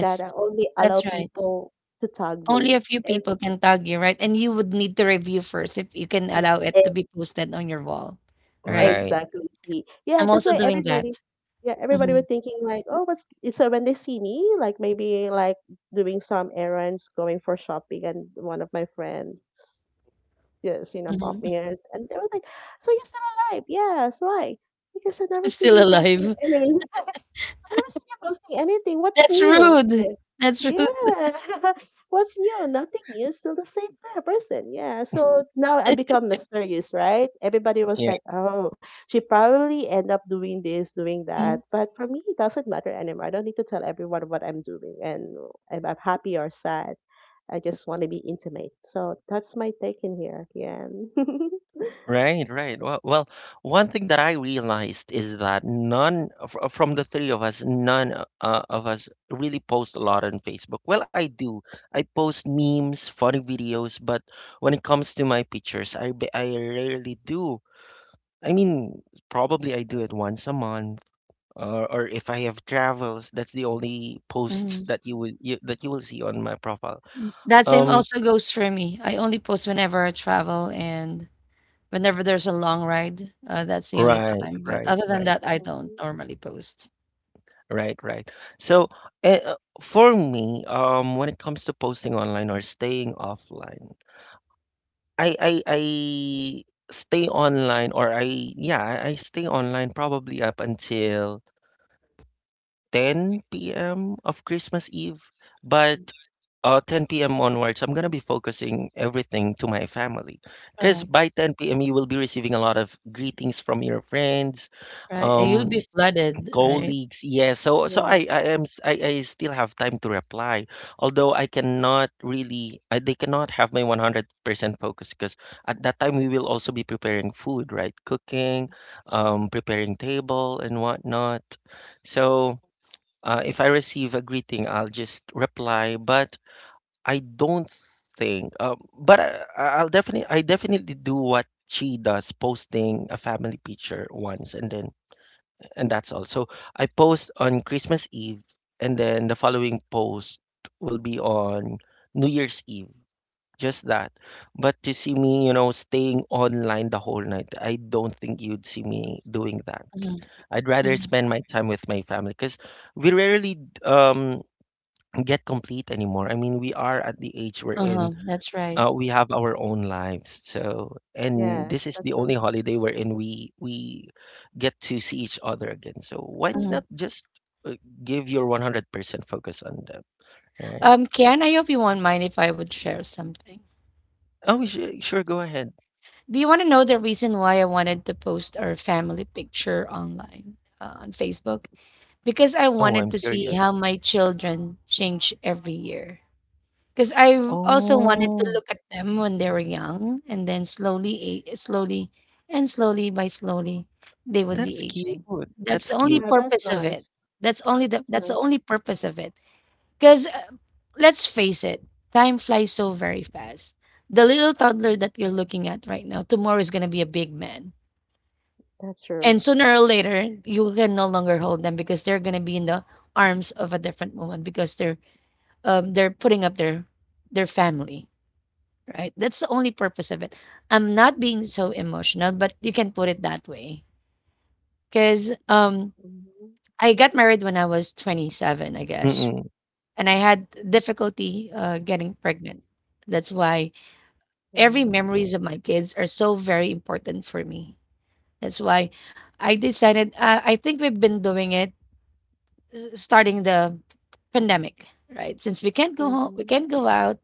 S3: that I only allow
S2: that's right.
S3: people to tag
S2: Only
S3: me
S2: a few
S3: if
S2: people can tag you, right? And you would need to review first if you can allow it to be posted on your wall, right?
S1: right.
S3: exactly, see.
S2: I'm
S3: Yeah, that's
S2: also
S3: why
S2: doing that.
S3: everybody yeah, everybody were
S2: Hmm.
S3: thinking like, oh, what's so when they see me, like maybe like doing some errands, going for shopping, and one of my friends just you know
S2: Hmm.
S3: bumped me
S2: <laughs>
S3: and they were like, so you're still alive? Yes, why? Because
S2: Still alive.
S3: I never seen you posting anything. What's
S2: That's
S3: new?
S2: rude.
S3: Eh,
S2: That's rude.
S3: yeah. <laughs> What's new? Nothing new. Still the same per- person. Yeah. So now I become mysterious, right? Everybody was
S1: Yeah.
S3: like, oh, she probably end up doing this, doing
S2: Mm,
S3: that. But for me, it doesn't matter anymore. I don't need to tell everyone what I'm doing and if I'm happy or sad. I just want to be intimate. So that's my take in here. Yeah. <laughs>
S1: Right, right. Well, well, one thing that I realized is that none from the three of us, none of us really post a lot on Facebook. Well, I do. I post memes, funny videos, but when it comes to my pictures, I rarely do. I mean, probably I do it once a month or if I have travels, that's the only posts
S2: mm.
S1: that that you will see on my profile.
S2: That same
S1: Um,
S2: also goes for me. I only post whenever I travel and whenever there's a long ride. That's the only
S1: right,
S2: time. But
S1: right,
S2: other than
S1: right,
S2: that, I don't
S3: Mhm.
S2: normally post.
S1: right, right. So, for me, when it comes to posting online or staying offline, I stay online or I yeah I stay online probably up until 10 p.m. of Christmas Eve, but 10 p.m. onwards, I'm gonna be focusing everything to my family. Because
S2: Correct.
S1: by 10 p.m., you will be receiving a lot of greetings from your friends,
S2: Right, and you'll
S1: um,
S2: be flooded, right?
S1: colleagues. Yeah, so
S3: Yes.
S1: I am s- I still have time to reply, although I cannot really I, they cannot have my 100% focus because at that time we will also be preparing food, right? Cooking, preparing table and whatnot. So. If I receive a greeting, I'll just reply, but I don't think. But I definitely do what she does, posting a family picture once, and then and that's all. So I post on Christmas Eve, and then the following post will be on New Year's Eve just that. But to see me, staying online the whole night, I don't think you'd see me doing that.
S2: Mhm,
S1: I'd rather
S2: mhm.
S1: spend my time with my family because we rarely um, get complete anymore. I mean, we are at the age we're
S2: Uh-huh,
S1: in,
S2: that's right.
S1: we have our own lives. So, and this
S3: Yes.
S1: is the
S3: That's
S1: only
S3: true.
S1: holiday wherein we get to see each other again. So why not
S2: Mhm.
S1: just uh, give your 100% focus on them, right?
S2: Kian, I hope you won't mind if I would share something.
S1: Oh, sure, sure, go ahead.
S2: Do you want to know the reason why I wanted to post our family picture online on Facebook? Because I
S1: Oh,
S2: wanted
S1: I'm
S2: to see
S1: curious.
S2: how my children change every year. 'Cause I also wanted to
S1: Oh,
S2: look at them when they were young, and then slowly by slowly, they would be
S1: that's cute.
S2: aging. That's the
S1: That's
S2: only
S1: cute.
S3: Yeah, that's
S2: purpose of it.
S3: nice. That's
S2: That's the
S3: nice.
S2: only purpose of it. Because let's face it, time flies so very fast. The little toddler that you're looking at right now, tomorrow is gonna be a big man.
S3: That's true.
S2: And sooner or later, you can no longer hold them because they're gonna be in the arms of a different woman because they're putting up their family. Right. That's the only purpose of it. I'm not being so emotional, but you can put it that way. Because
S3: Mhm.
S2: I got married when I was 27, I guess,
S1: Mm-mm.
S2: and I had difficulty getting pregnant. That's why every
S3: Yeah.
S2: memories of my kids are so very important for me. That's why I decided. I think we've been doing it starting the pandemic, right? Since we can't go home, we
S3: Mhm.
S2: can't go out,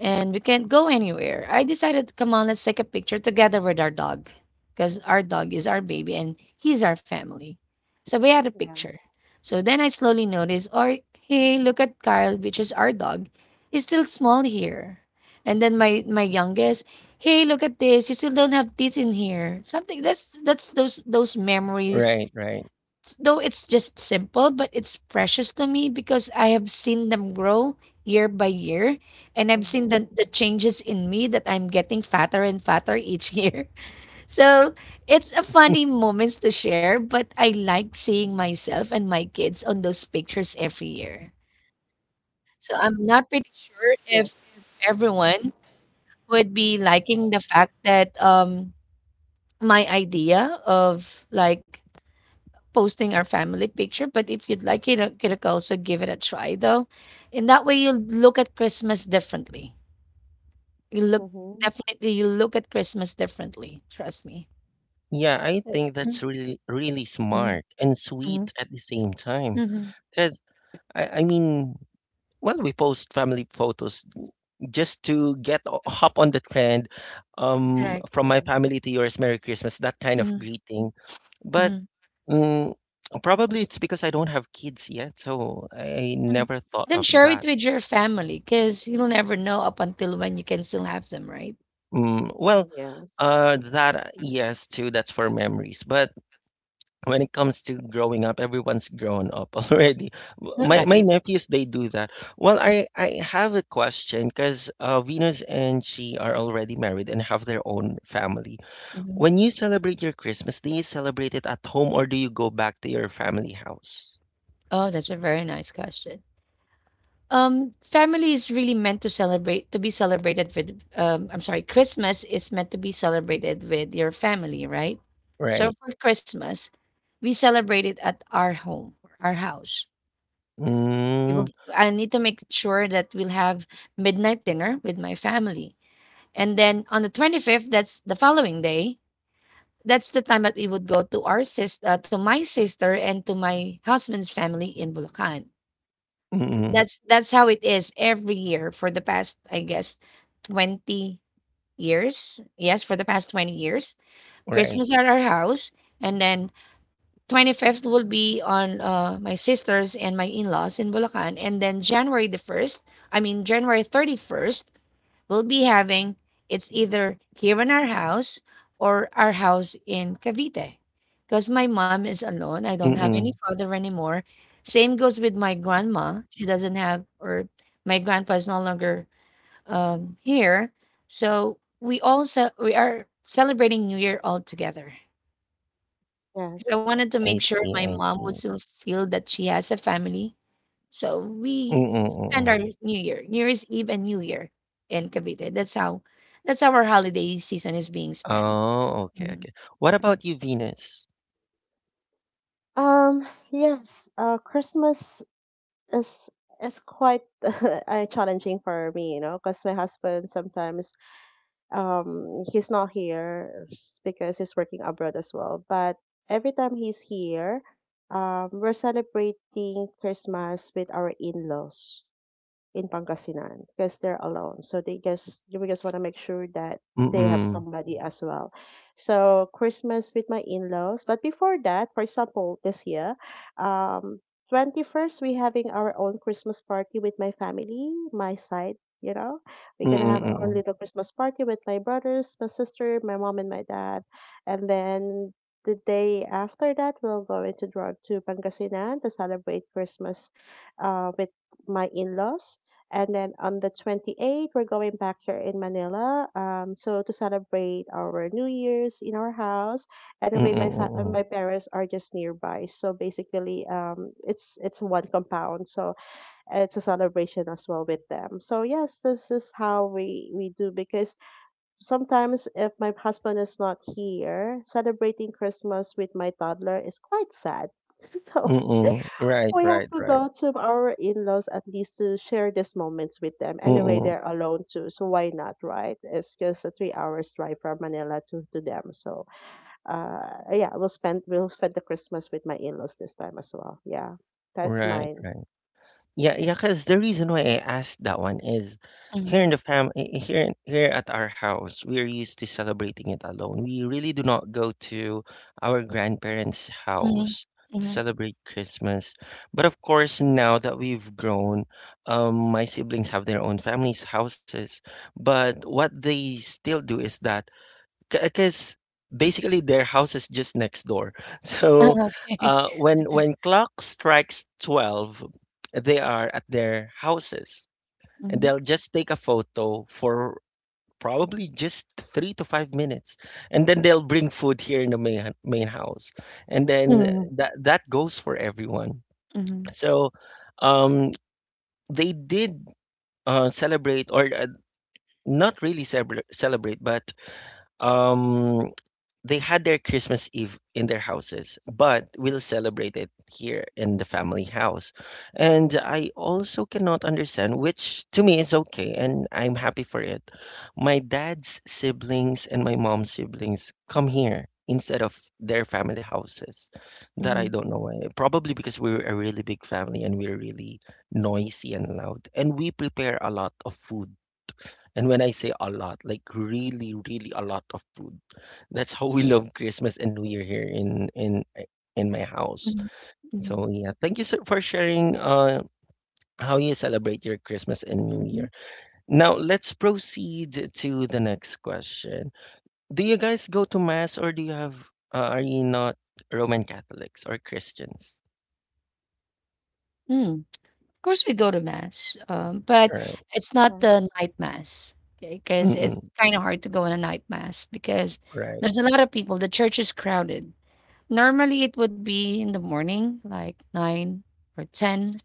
S2: and we can't go anywhere. I decided, come on, let's take a picture together with our dog because our dog is our baby and he's our family. So we had a
S3: Yeah.
S2: picture. So then I slowly noticed, or hey, look at Kyle, which is our dog. He's still small here. And then my youngest, hey, look at this. You still don't have teeth in here. Something that's those memories,
S1: Right, right.
S2: though it's just simple, but it's precious to me because I have seen them grow year by year and I've seen the,
S3: Mhm.
S2: the changes in me that I'm getting fatter and fatter each year. <laughs> So it's a funny
S1: <laughs>
S2: moments to share, but I like seeing myself and my kids on those pictures every year. So I'm not pretty sure if
S3: Yes.
S2: everyone would be liking the fact that my idea of like posting our family picture, but if you'd like, you could also give it a try though. In that way, you'll look at Christmas differently. You look
S3: Mhm.
S2: definitely you look at Christmas differently. Trust me.
S1: Yeah, I think that's really, really
S2: Mm-hmm.
S1: smart and sweet at the same time.
S2: Mm-hmm.
S1: Because, I mean, well, we post family photos just to hop on the trend
S2: Right.
S1: from my
S3: Yes.
S1: family to yours, Merry Christmas, that kind of
S2: Mm-hmm.
S1: greeting. But
S2: Mm-hmm.
S1: mm, probably it's because I don't have kids yet, so I never thought
S2: Then
S1: of
S2: share it
S1: that.
S2: with your family because you'll never know up until when you can still have them, right? <laughs>
S1: Mm, well,
S3: Mhm. Yes.
S1: that yes, too. That's for memories. But when it comes to growing up, everyone's grown up <laughs> already. My
S2: Right.
S1: nephews they do that. Well, I have a question because Venus and she are already married and have their own family.
S2: Mhm.
S1: When you celebrate your Christmas, do you celebrate it at home or do you go back to your family house?
S2: Oh, that's a very nice question. Family is really meant to celebrate, to be celebrated with, I'm sorry, Christmas is meant to be celebrated with your family, right? So
S1: Right.
S2: for Christmas, we celebrate it at our home, our house. We
S1: Mm,
S2: will, I need to make sure that we'll have midnight dinner with my family. And then on the 25th, that's the following day, that's the time that we would go to our sister, to my sister and to my husband's family in Bulacan.
S1: mm-mm,
S2: That's how it is every year for the past, I guess, 20 years. Yes, for the past 20 years.
S1: right.
S2: Christmas at our house, and then 25th will be on my sisters and my in-laws in Bulacan, and then January the 1st, I mean January 31st we'll be having. It's either here in our house or our house in Cavite. Because my mom is alone. I don't have any
S1: Mm-mm.
S2: father anymore. Same goes with my grandma. She doesn't have, or my grandpa is no longer here. So we all we are celebrating New Year all together. 'Cause I
S3: Yes.
S2: wanted to make
S1: I
S2: sure
S1: see.
S2: my
S1: I
S2: mom
S1: see.
S2: would still feel that she has a family, so we
S1: Mm-mm,
S2: spend
S1: mm-mm.
S2: our New Year, New Year's Eve and New Year in Cavite. That's how our holiday season is being spent.
S1: Oh, okay,
S2: Mhm.
S1: okay. What about you, Venus?
S3: Yes, Christmas is is quite <laughs> challenging for me, you know, because my husband sometimes he's not here because he's working abroad as well. But every time he's here, we're celebrating Christmas with our in-laws in Pangasinan because they're alone. So they just you just want to make sure that they have
S1: Mm-mm.
S3: somebody as well. So Christmas with my in-laws. But before that, for example, this year, um, 21st we having our own Christmas party with my family, my side. You know, we're gonna
S1: Mm-mm,
S3: have our own
S1: mm-mm.
S3: little Christmas party with my brothers, my sister, my mom, and my dad, and then the day after that, we'll go into drive to Pangasinan to celebrate Christmas with my in-laws, and then on the 28th, we're going back here in Manila. So to celebrate our New Year's in our house. And anyway,
S1: Mm-mm, mm-mm.
S3: my parents are just nearby. So basically, it's one compound. So it's a celebration as well with them. So yes, this is how we do, because sometimes if my husband is not here, celebrating Christmas with my toddler is quite sad. <laughs> So
S1: Mm-mm. Right,
S3: we have
S1: right,
S3: to
S1: right.
S3: go to our in-laws at least to share these moments with them. Anyway,
S1: Mm-mm.
S3: they're alone too, so why not, right? It's just a 3 hours drive from Manila to them. So, yeah, we'll spend the Christmas with my in-laws this time as well. Yeah, that's
S1: Right,
S3: mine.
S1: right. Yeah, yeah, because the reason why I asked that one is here
S2: Mhm.
S1: in the fam I- here in- here at our house, we're used to celebrating it alone. We really do not go to our grandparents'
S2: Mhm.
S1: house to
S2: Mhm.
S1: celebrate Christmas. But of course, now that we've grown, my siblings have their own families' houses. But what they still do is that because basically their house is just next door. <laughs>
S2: <laughs>
S1: So
S2: Okay.
S1: when clock strikes 12, they are at their houses, and
S2: Mhm.
S1: they'll just take a photo for probably just 3 to 5 minutes, and then they'll bring food here in the main house, and then
S2: Mhm.
S1: that goes for everyone.
S2: Mhm.
S1: So um, they did. Celebrate or not really celebrate, but um, they had their Christmas Eve in their houses, but we'll celebrate it here in the family house. And I also cannot understand, which to me is okay, and I'm happy for it. My dad's siblings and my mom's siblings come here instead of their family houses. That I
S2: Mhm.
S1: don't know why. Probably because we're a really big family and we're really noisy and loud, and we prepare a lot of food and when I say a lot, like really, really a lot of food. That's how we love Christmas and New Year here in my house.
S2: Mhm. Mhm.
S1: So yeah, thank you for sharing how you celebrate your Christmas and New
S2: Mhm.
S1: Year. Now let's proceed to the next question. Do you guys go to mass or do you have are you not Roman Catholics or Christians?
S2: Mm. Of course, we go to mass, but
S1: Right.
S2: it's not the
S3: Yes,
S2: night mass, okay? Because it's
S1: Mm-mm.
S2: kind of hard to go in a night mass because
S1: Right.
S2: there's a lot of people. The church is crowded. Normally, it would be in the morning, like nine or ten.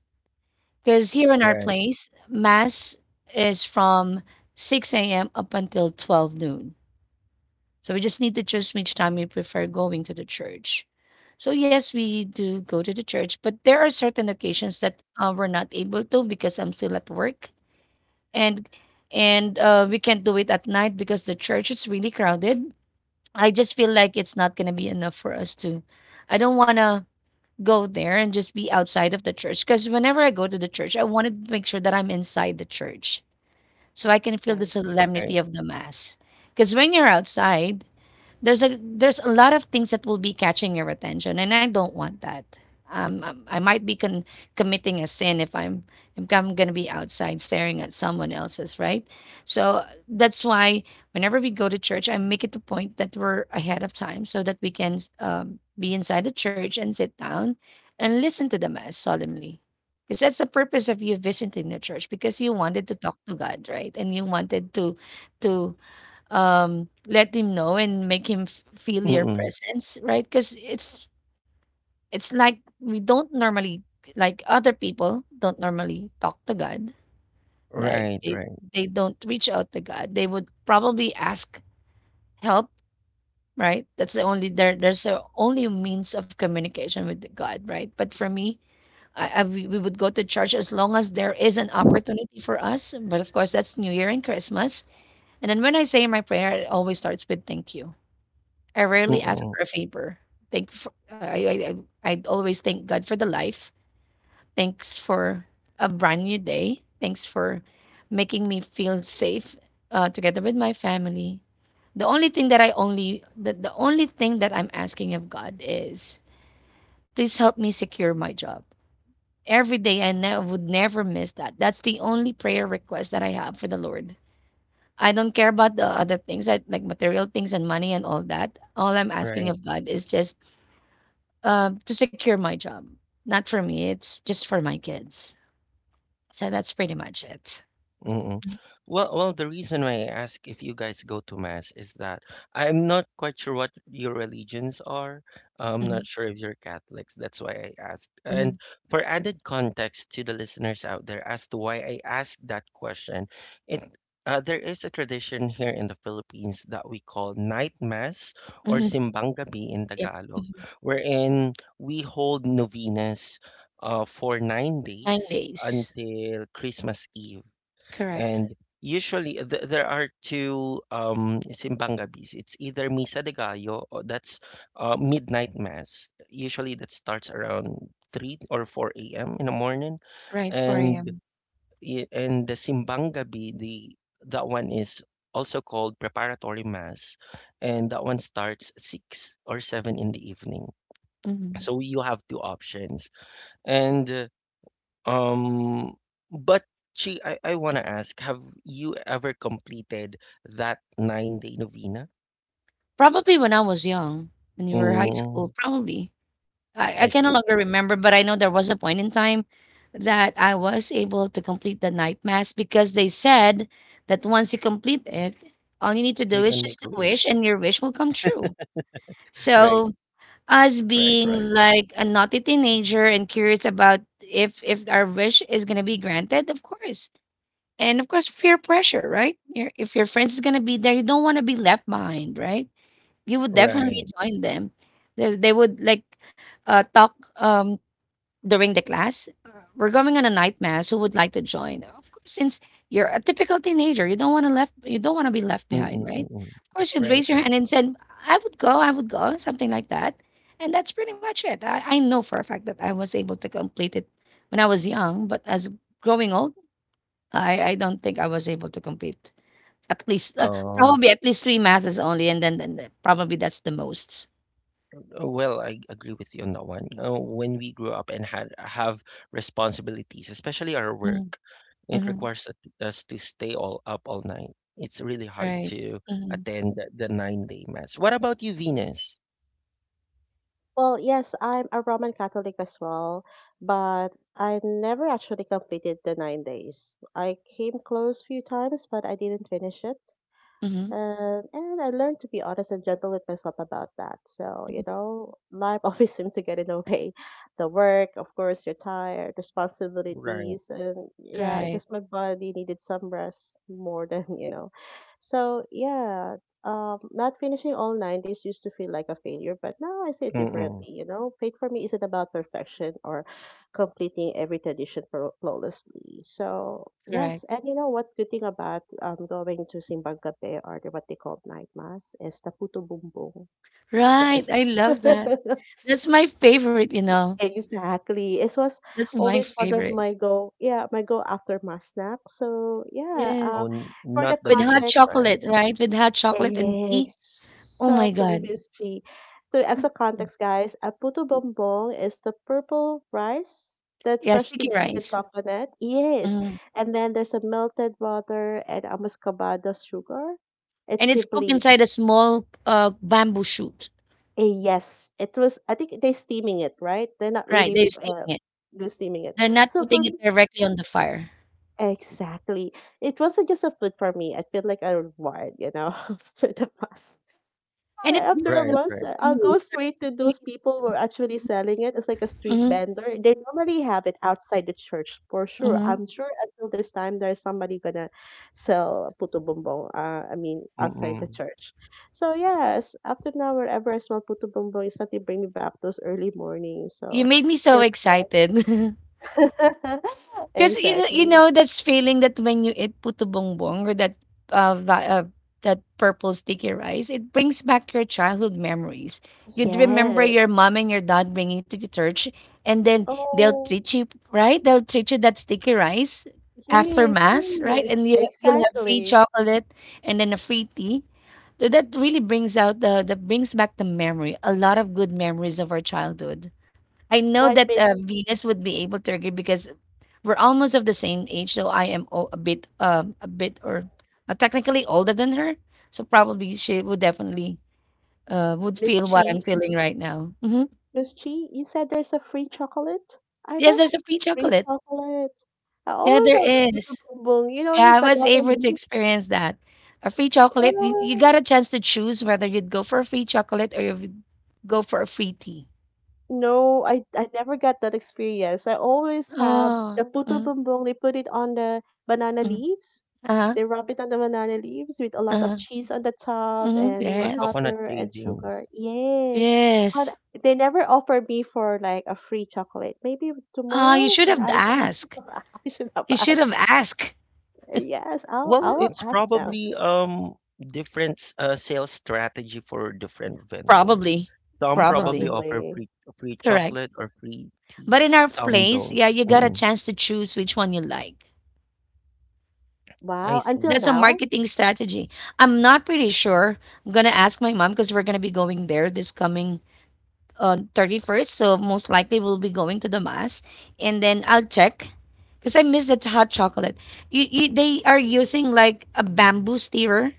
S2: Because here in our
S1: Right.
S2: place, mass is from 6 a.m. up until 12 noon. So we just need to choose which time we prefer going to the church. So yes, we do go to the church, but there are certain occasions that we're not able to because I'm still at work, and and we can't do it at night because the church is really crowded. I just feel like it's not gonna be enough for us to. I don't wanna go there and just be outside of the church. Because whenever I go to the church, I wanted to make sure that I'm inside the church so I can feel the
S3: yes.
S1: Right.
S2: solemnity of the Mass. Because when you're outside, there's a lot of things that will be catching your attention, and I don't want that. I might be committing a sin if I'm if I'm going to be outside staring at someone else's, right? So that's why whenever we go to church, I make it the point that we're ahead of time so that we can be inside the church and sit down and listen to the Mass solemnly. Because that's the purpose of you visiting the church, because you wanted to talk to God, right? And you wanted to to let him know and make him feel your
S1: Mm-mm.
S2: presence, right? Because it's like we don't normally, like, other people don't normally talk to God. Like
S1: Right. Right.
S2: they don't reach out to God. They would probably ask help, right? That's the only, there's the only means of communication with God, right? But for me, I, we would go to church as long as there is an opportunity for us, but of course that's New Year and Christmas. And then when I say my prayer, it always starts with thank you. I rarely ask
S1: Mm-mm.
S2: for a favor. Thank for, I always thank God for the life. Thanks for a brand new day. Thanks for making me feel safe together with my family. The only thing that I'm asking of God is please help me secure my job. Every day I would never miss that. That's the only prayer request that I have for the Lord. I don't care about the other things, that like material things and money and all that. All I'm asking
S1: Right.
S2: of God is just to secure my job. Not for me, it's just for my kids. So that's pretty much it.
S1: Mm. Well, well, the reason why I ask if you guys go to mass is that I'm not quite sure what your religions are. I'm not
S2: Mhm,
S1: sure if you're Catholics. That's why I asked.
S2: mhm,
S1: And for added context to the listeners out there as to why I asked that question, it there is a tradition here in the Philippines that we call night mass or
S2: mhm,
S1: simbang gabi in
S2: yep,
S1: Tagalog,
S2: mhm.
S1: wherein we hold novenas for nine
S2: 9
S1: days
S2: days.
S1: until Christmas Eve.
S2: Correct.
S1: And usually there are two simbang gabis. It's either Misa de Gallo, or that's midnight mass. Usually that starts around 3 or 4 a.m. in the morning.
S2: Right, 4
S1: And
S2: AM.
S1: and the simbang gabi, the that one is also called preparatory mass, and that one starts 6 or 7 in the evening.
S2: Mhm.
S1: So you have two options. And um, but Chi, I want to ask, have you ever completed that 9-day novena?
S2: Probably when I was young, when you were high
S1: Mm,
S2: school, probably. I
S1: I
S2: can no
S1: see.
S2: longer remember, but I know there was a point in time that I was able to complete the night mass, because they said that once you complete it, all you need to
S1: You
S2: do is
S1: can make
S2: just
S1: a
S2: to wish
S1: wish.
S2: and your wish will come true.
S1: Right,
S2: So
S1: right, right,
S2: us being like a naughty teenager and curious about if our wish is gonna be granted, of course. And of course, fear pressure, right? Your, if your friends is gonna be there, you don't want to be left behind, right? You would definitely
S1: right.
S2: join them. They would like talk. During the class, we're going on a night mass. Who would like to join? Of course, since you're a typical teenager, you don't want to left, you don't want to be left behind, right?
S1: Mm-mm-mm.
S2: Of course, you'd
S1: Right,
S2: raise your hand and
S1: right.
S2: said, I would go," something like that, and that's pretty much it. I know for a fact that I was able to complete it when I was young, but as growing old, I don't think I was able to complete at least
S1: Oh,
S2: probably at least three masses only, and then, then probably that's the most.
S1: well, I agree with you on that one. When we grew up and had have responsibilities, especially our work, it
S2: Mm-hmm.
S1: requires us to stay all up all night. It's really hard
S2: Right.
S1: to
S2: Mm-hmm.
S1: attend the 9-day mass. What about you, Venus?
S3: Well, yes, I'm a Roman Catholic as well, but I never actually completed the 9 days. I came close few times, but I didn't finish it.
S2: Mm-hmm.
S3: And I learned to be honest and gentle with myself about that. So, you know, life <laughs> always seemed to get in the way. The work, of course, you're tired,
S1: Right.
S3: responsibilities, and yeah, I
S2: Right.
S3: guess my body needed some rest more than, <laughs> you know. So, yeah, not finishing all 90s used to feel like a failure, but now I see it
S1: Mm.
S3: differently, you know. Fate for me isn't about perfection or completing every tradition flawlessly. So yes,
S2: Correct.
S3: and you know what? Good thing about going to Simbang Gabi, or the what they call night mass, is the puto bumbong. I'm
S2: Right,
S3: sorry.
S2: I love that.
S3: <laughs>
S2: That's my favorite, you know.
S3: Exactly. It was
S2: That's my
S3: always one of
S2: favorite.
S3: my go, yeah, my go after mass snack. So yeah,
S2: Yes.
S1: Oh,
S3: for the
S1: not the
S2: With hot
S1: biggest
S3: context,
S1: fan.
S2: chocolate, right? With hot chocolate and tea. Oh my
S3: exactly,
S2: God.
S3: Miss G. So,
S2: Mm.
S3: extra context, guys, a puto bonbon is the purple rice, that
S2: Yeah,
S3: freshly
S2: sticky
S3: grated
S2: rice.
S3: coconut. Yes.
S2: Mm.
S3: And then there's a melted butter and a muscovado sugar. It's
S2: And it's cooked
S3: simply
S2: inside a small bamboo shoot.
S3: a yes. It was, I think they're steaming it, right? They're not
S2: Right,
S3: really
S2: they're steaming it.
S3: they're steaming it.
S2: They're not
S3: So, for
S2: putting
S3: me,
S2: it directly on the fire.
S3: exactly, it wasn't just a food for me. I feel like a reward, you know, <laughs> for the past.
S2: And it brings
S3: After a
S2: a lot
S1: Right,
S3: month,
S1: right.
S2: of
S3: I'll go
S2: memories.
S3: straight to those people who are actually selling it. It's like a street
S2: Mm-hmm,
S3: vendor. They normally have it outside the church for sure.
S2: mm-hmm.
S3: I'm sure until this time there's somebody gonna sell puto bumbong. I mean outside the
S1: Mm.
S3: church. So yes, after now wherever I smell puto bumbong, it's something bring me back those early mornings.
S2: You
S3: So
S2: made me so
S3: sure,
S2: excited. <laughs>
S3: <laughs>
S2: 'Cause you know you
S3: exactly.
S2: know this feeling that when you eat puto bongbong or that, va that purple sticky rice, it brings back your childhood memories. You'd remember
S3: Yes.
S2: your mom and your dad bringing you to the church, and then they'll
S3: Oh,
S2: treat you, right? They'll treat you that sticky rice after
S3: yes,
S2: mass, right?
S3: yes,
S2: And you'll have free
S3: exactly.
S2: chocolate and then a free tea. So that really brings out the that brings back the memory, a lot of good memories of our childhood. I know
S3: What
S2: that,
S3: Miss
S2: Venus would be able to agree because we're almost of the same age, so I am a bit or technically older than her. So probably she would definitely would feel what I'm
S3: Chi?
S2: feeling right now. Hmm.
S3: Lucy, you said there's a free chocolate? I
S2: Yes,
S3: love
S2: there's a free
S3: free
S2: chocolate.
S3: chocolate. I
S2: Yeah,
S3: always
S2: there
S3: have the puto
S2: is.
S3: bumbong, you know,
S2: Yeah,
S3: in
S2: I was
S3: banana
S2: able to
S3: leaves.
S2: experience that. A free chocolate. You
S3: Yeah.
S2: got a chance to choose whether you'd go for a free chocolate or you'd go for a free tea.
S3: No, I never got that experience. I always have
S2: Oh,
S3: the puto
S2: mm,
S3: bumbong. They put it on the banana
S2: mm,
S3: leaves.
S2: uh-huh,
S3: They rub it on the banana leaves with a lot of
S2: uh-huh,
S3: cheese on the top
S2: mhm,
S3: and, you know,
S1: Or
S2: yes,
S1: coconut
S3: butter and
S1: shavings.
S3: sugar. Yes. But
S2: yes.
S3: they never offer me for like a free chocolate. Maybe
S2: Ah, you
S3: tomorrow,
S2: should
S3: and
S2: have
S3: I,
S2: asked.
S3: <laughs> I should have
S2: You should have
S3: asked.
S2: asked.
S3: Yes, I'll I
S1: Well,
S3: will
S1: it's
S3: ask them
S1: probably different sales strategy for different vendors.
S2: Probably.
S1: Some probably
S2: Probably.
S1: offer
S3: probably.
S1: free
S2: Correct.
S1: chocolate or free tea.
S2: But in our
S1: Some
S2: place,
S1: don't.
S2: yeah, you got a
S1: Mm.
S2: chance to choose which one you like.
S1: I
S3: Wow, until
S1: see.
S2: That's a
S3: now?
S2: marketing strategy. I'm not pretty sure. I'm gonna ask my mom because we're gonna be going there this coming 31st. So most likely we'll be going to the mass. And then I'll check. Because I miss that hot chocolate. You they are using like a bamboo stirrer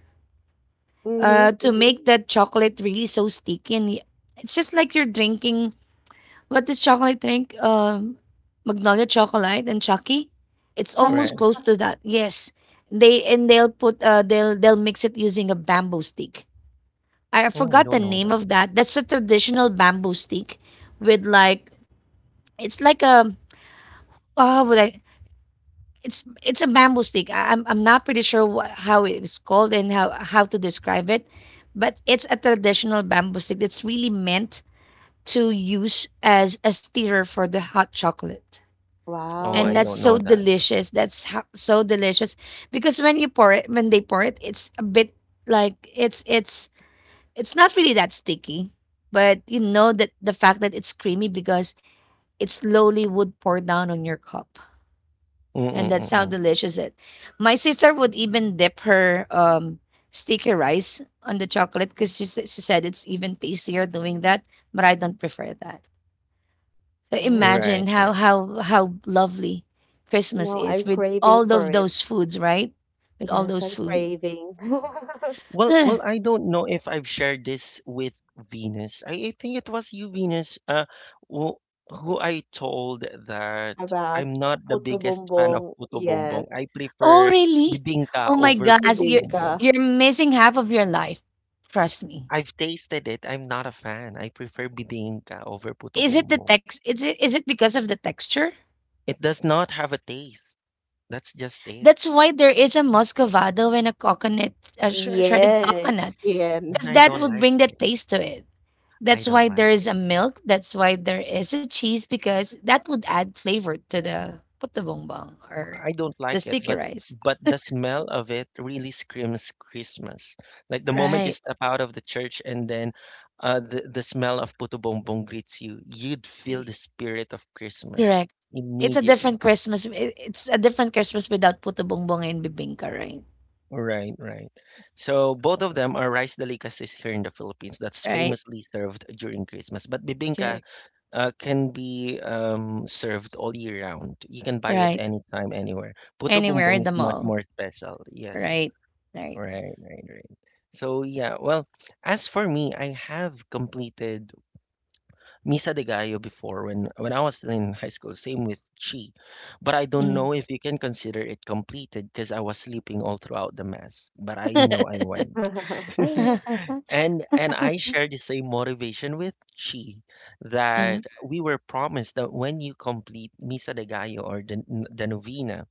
S3: Mm-hmm,
S2: to
S3: mm-hmm.
S2: make that chocolate really so sticky and it's just like you're drinking. What is chocolate drink? Magnolia Chocolate and Chucky. It's almost
S3: Chucky,
S1: Right.
S2: close to
S3: Chucky.
S2: that. Yes, they'll put they'll mix it using a bamboo stick. I
S1: Oh, I
S2: forgot the
S1: don't know
S2: name
S1: that.
S2: of that. That's a traditional bamboo stick with like, it's like a, oh would I, it's a bamboo stick. I'm not pretty sure what, how it is called and how to describe it, but it's a traditional bamboo stick that's really meant to use as a stirrer for the hot chocolate.
S1: Oh,
S2: And
S1: I
S2: that's
S3: Wow,
S1: don't
S2: so
S1: know that.
S2: delicious. That's so delicious because when you pour it, when they pour it, it's a bit like it's not really that sticky, but you know that the fact that it's creamy because it slowly would pour down on your cup,
S1: Mm.
S2: and
S1: Mm,
S2: that's
S1: mm,
S2: how
S1: mm.
S2: delicious it. My sister would even dip her sticky rice on the chocolate because she said it's even tastier doing that, but I don't prefer that.
S3: nice.
S2: Imagine
S1: Right,
S2: how
S1: right.
S2: lovely Christmas
S3: Now
S2: is
S3: I'm
S2: with
S3: craving
S2: all
S3: for
S2: of
S3: it.
S2: those foods, right? With all
S3: Yes,
S2: those
S3: I'm
S2: food.
S3: craving <laughs>
S1: Well,
S2: Ugh.
S1: well, I don't know if I've shared this with Venus. I think it was you, Venus, who, who I told that
S3: about
S1: I'm not the
S3: puto
S1: biggest fan of
S3: bumbong.
S1: puto bombong.
S3: Yes,
S1: I
S2: Oh,
S1: prefer
S2: really?
S1: bibingka
S2: Oh my
S1: over
S2: gosh,
S1: puto
S2: you're
S3: bibingka.
S1: bombong.
S2: you're missing half of your life. Trust me.
S1: I've tasted it. I'm not a fan. I prefer bibingka over puto
S2: Is it the
S1: bombong.
S2: text? Is it because of the texture?
S1: It does not have a taste. That's just it.
S2: That's why there is a muscovado and a coconut, a shredded
S3: Yes,
S2: coconut,
S3: yan.
S1: And
S2: because
S1: I
S3: <laughs>
S2: that
S1: don't
S2: would
S1: like
S2: bring the
S1: it.
S2: taste to it.
S1: I
S2: That's
S1: don't
S2: why
S1: like
S2: there is
S1: it.
S2: a milk. That's why there is a cheese, because that would add flavor to the puto or
S1: I don't
S2: the
S1: like it,
S2: sticky rice.
S1: but the smell of it really screams Christmas. Like the moment you
S2: Right.
S1: step out of the church and then the smell of puto bongbong greets you, you'd feel
S2: Y-
S1: the spirit of
S2: Correct.
S1: Christmas
S2: It's a
S1: immediately.
S2: different Christmas. It's a different Christmas without puto and bibingka, right?
S1: Right, right. So both of them are rice delicacies here in the Philippines that's
S2: Right.
S1: famously served during Christmas. But bibingka
S2: Correct.
S1: can be served all year round. You can buy it
S2: Right.
S1: anytime, anywhere. Puto
S2: Anywhere
S1: bongbong
S2: in
S1: is
S2: the
S1: much
S2: mall.
S1: more special. Yes.
S2: Right. Right.
S1: Right, right, right. So yeah, well, as for me, I have completed Misa de Gallo before when I was still in high school, same with Chi. But I don't
S2: Mm.
S1: know if you can consider it completed because I was sleeping all throughout the mass, but I know I went.
S2: <laughs>
S1: And I share the same motivation with Chi
S2: Mm.
S1: that we were promised that when you complete Misa de Gallo or the novena,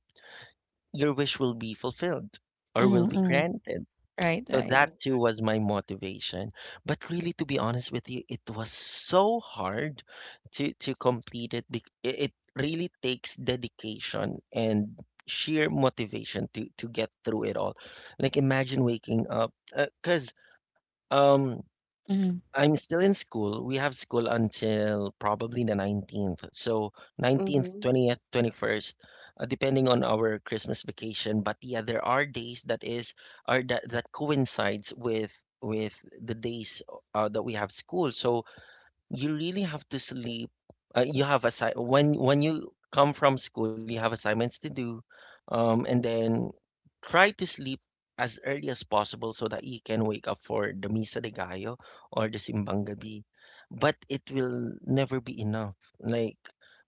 S1: your wish will be fulfilled or will
S2: Mm.
S1: be
S2: Mm. <laughs>
S1: granted.
S2: Right.
S1: So
S2: Right.
S1: that
S3: Yes.
S1: too was my motivation. But really, to be honest with you, it was so hard to complete it. It really takes dedication and sheer motivation to get through it all. Like imagine waking up, because um
S2: Mm.
S1: I'm still in school. We have school until probably the 19th. So 19th,
S3: Mm-hmm.
S1: 20th, 21st, depending on our Christmas vacation. But yeah, there are days that is are that that coincides with the days that we have school. So you really have to sleep. You have when you come from school, you have assignments to do, and then try to sleep as early as possible so that you can wake up for the Misa de Gallo or the Simbang Gabi. But it will never be enough. Like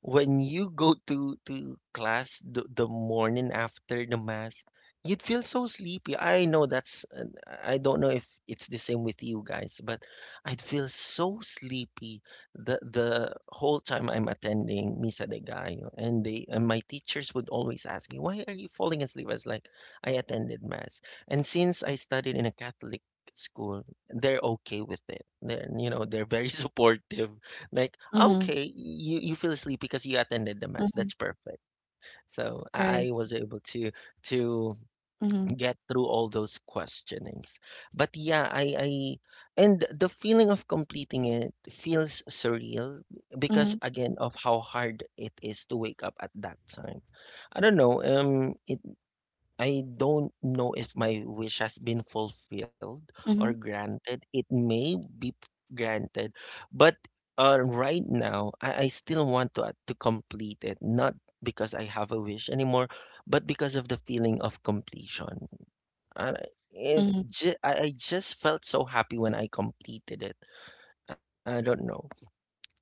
S1: when you go to class the morning after the mass, you'd feel so sleepy. I know that's I don't know if it's the same with you guys, but I'd feel so sleepy the whole time I'm attending Misa de Gallo, and they and my teachers would always ask me, "Why are you falling asleep?" I was like, "I attended mass," and since I studied in a Catholic school, they're okay with it. They're they're very <laughs> supportive. Like,
S2: Mm.
S1: okay, you feel sleepy because you attended the mass.
S2: Mm.
S1: That's perfect. So
S2: Right.
S1: I was able to
S2: Mm.
S1: get through all those questionings. But yeah, I and the feeling of completing it feels surreal because
S2: Mm.
S1: again of how hard it is to wake up at that time. I don't know. It I don't know if my wish has been fulfilled
S2: Mm.
S1: or granted. It may be granted, but right now I still want to complete it, not because I have a wish anymore, but because of the feeling of completion. And I- it
S2: Mm.
S1: ju I just felt so happy when I completed it. I don't know.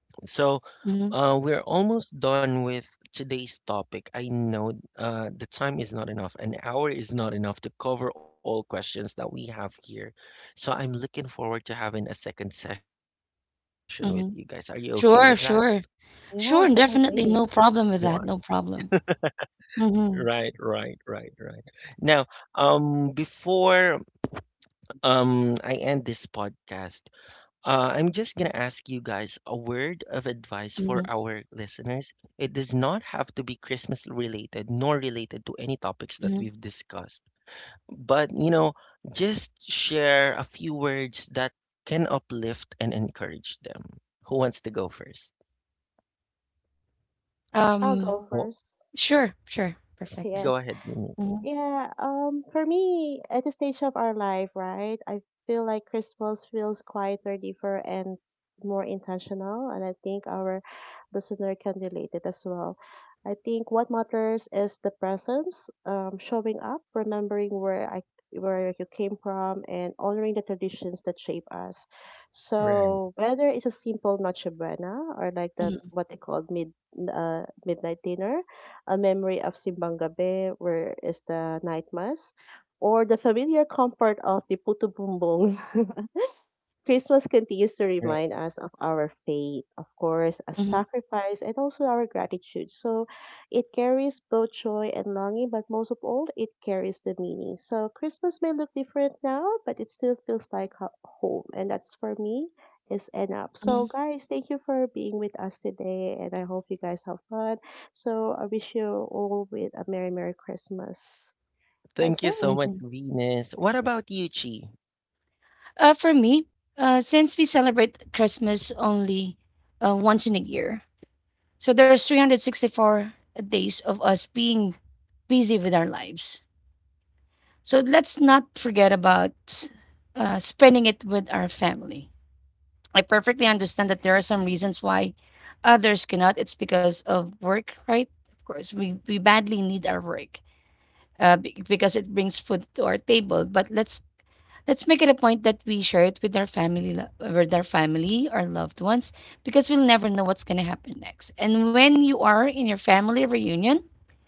S1: So,
S2: Mm.
S1: we're almost done with today's topic. I know the time is not enough. An hour is not enough to cover all questions that we have here. So I'm looking forward to having a second session with you guys. Are you okay with
S2: Mm.
S1: that?
S2: Sure, sure. Sure,
S3: Yes,
S1: You
S2: definitely
S1: are.
S2: no
S3: definitely.
S2: problem with that, no problem.
S1: Right, right,
S2: Mhm,
S1: right, right. Now, before I end this podcast, I'm just going to ask you guys a word of advice for
S2: mhm,
S1: our listeners. It does not have to be Christmas related nor related to any topics that
S2: mhm.
S1: we've discussed. But, you know, just share a few words that can uplift and encourage them. Who wants to go first?
S3: I'll
S2: Um,
S3: go
S1: Well,
S3: first.
S2: sure, sure, perfect.
S1: go
S3: Yes.
S1: ahead, Venus.
S2: Mhm,
S3: Yeah, for me, at the stage of our life, right, I feel like Christmas feels quieter, deeper, and more intentional. And I think our listener can relate it as well. I think what matters is the presence, showing up, remembering where you came from, and honoring the traditions that shape us.
S1: Right,
S3: So whether it's a simple noche buena, or like the
S2: mhm,
S3: what they call midnight dinner, a memory of Simbang Gabi, where is the night mass, or the familiar comfort of the puto bumbong, <laughs> Christmas continues to
S1: right.
S3: remind us of our faith, of course, a
S2: mhm,
S3: sacrifice, and also our gratitude. So it carries both joy and longing, but most of all, it carries the meaning. So Christmas may look different now, but it still feels like home. And that's for me is enough. So
S2: mhm,
S3: guys, thank you for being with us today, and I hope you guys have fun. So I wish you all with a Merry Merry Christmas. That's
S1: Thank you
S3: it.
S1: so much,
S2: mhm.
S1: Venus. What about you, Chi?
S2: For me, since we celebrate Christmas only once in a year, so there's 364 days of us being busy with our lives. So let's not forget about spending it with our family. I perfectly understand that there are some reasons why others cannot. It's because of work, right? Of course, we badly need our work, because it brings food to our table. But let's make it a point that we share it with our family, our loved ones, because we'll never know what's gonna happen next. And when you are in your family reunion,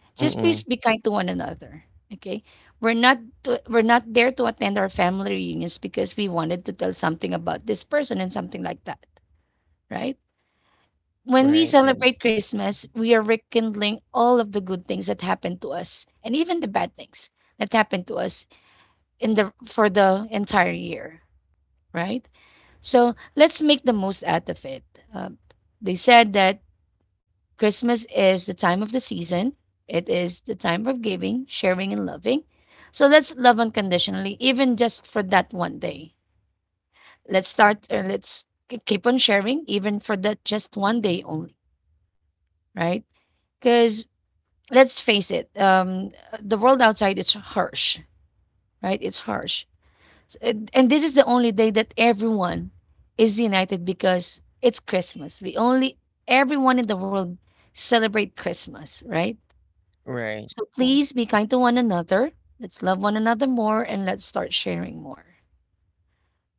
S2: just please
S1: Mm-mm.
S2: be kind to one another. Okay, we're not there to attend our family reunions because we wanted to tell something about this person and something like that, right? When we
S1: Right, and
S2: celebrate Christmas, we are rekindling all of the good things that happened to us and even the bad things that happened to us in the, for the entire year, right? So let's make the most out of it. Uh, they said that Christmas is the time of the season. It is the time of giving, sharing, and loving. So let's love unconditionally, even just for that one day. Let's start or keep on sharing, even for that just one day only, right? Because let's face it, the world outside is harsh, right? It's harsh. And this is the only day that everyone is united because it's Christmas. Everyone in the world celebrate Christmas, right?
S1: right,
S2: So
S3: Yes.
S2: please be kind to one another. Let's love one another more and let's start sharing more.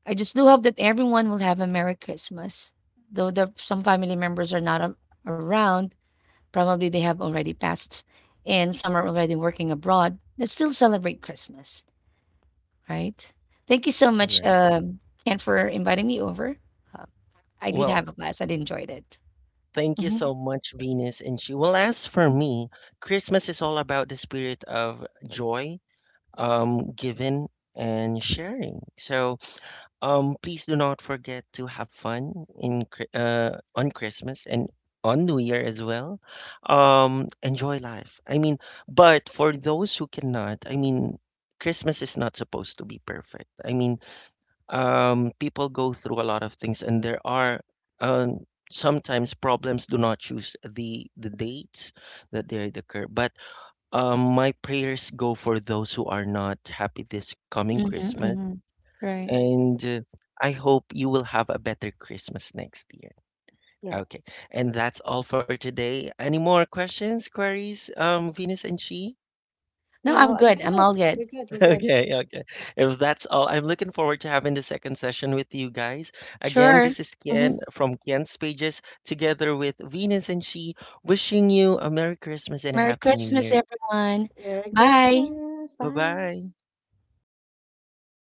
S2: I just do hope that everyone will have a Merry Christmas, though there, some family members are not around. Probably they have already passed, and some are already working abroad that still celebrate Christmas, right? Thank you so much,
S1: right.
S2: Ken, for inviting me over. Uh, I did have
S1: Well,
S2: a blast. I enjoyed it.
S1: thank you
S2: Hmm.
S1: so much, Venus. And she will ask for
S2: Hmm.
S1: me. Christmas is all about the spirit of joy, giving and sharing. So, please do not forget to have fun in on Christmas and on New Year as well. Enjoy life. I mean, but for those who cannot, I mean, Christmas is not supposed to be perfect. I mean, people go through a lot of things, and there are um, sometimes problems do not choose the dates that they occur. But my prayers go for those who are not happy this coming Christmas,
S2: Hmm. Right.
S3: Hmm.
S1: and I hope you will have a better Christmas next year.
S3: Yeah.
S1: Okay, and that's all for today. Any more questions, queries, Venus and She?
S2: No,
S3: No,
S2: I'm
S3: I'm
S2: good. I'm
S3: good.
S2: all good.
S3: We're good. We're good.
S1: Okay, okay. If that's all, I'm looking forward to having the second session with you guys. Again,
S2: Sure.
S1: this is
S2: Hmm.
S1: Ken from Ken's Pages, together with Venus and She, wishing you a Merry Christmas and a
S2: Merry
S1: Happy New
S2: Christmas,
S1: Year.
S2: everyone.
S3: Merry
S2: Bye.
S3: Christmas.
S1: Bye
S3: Bye.
S1: bye.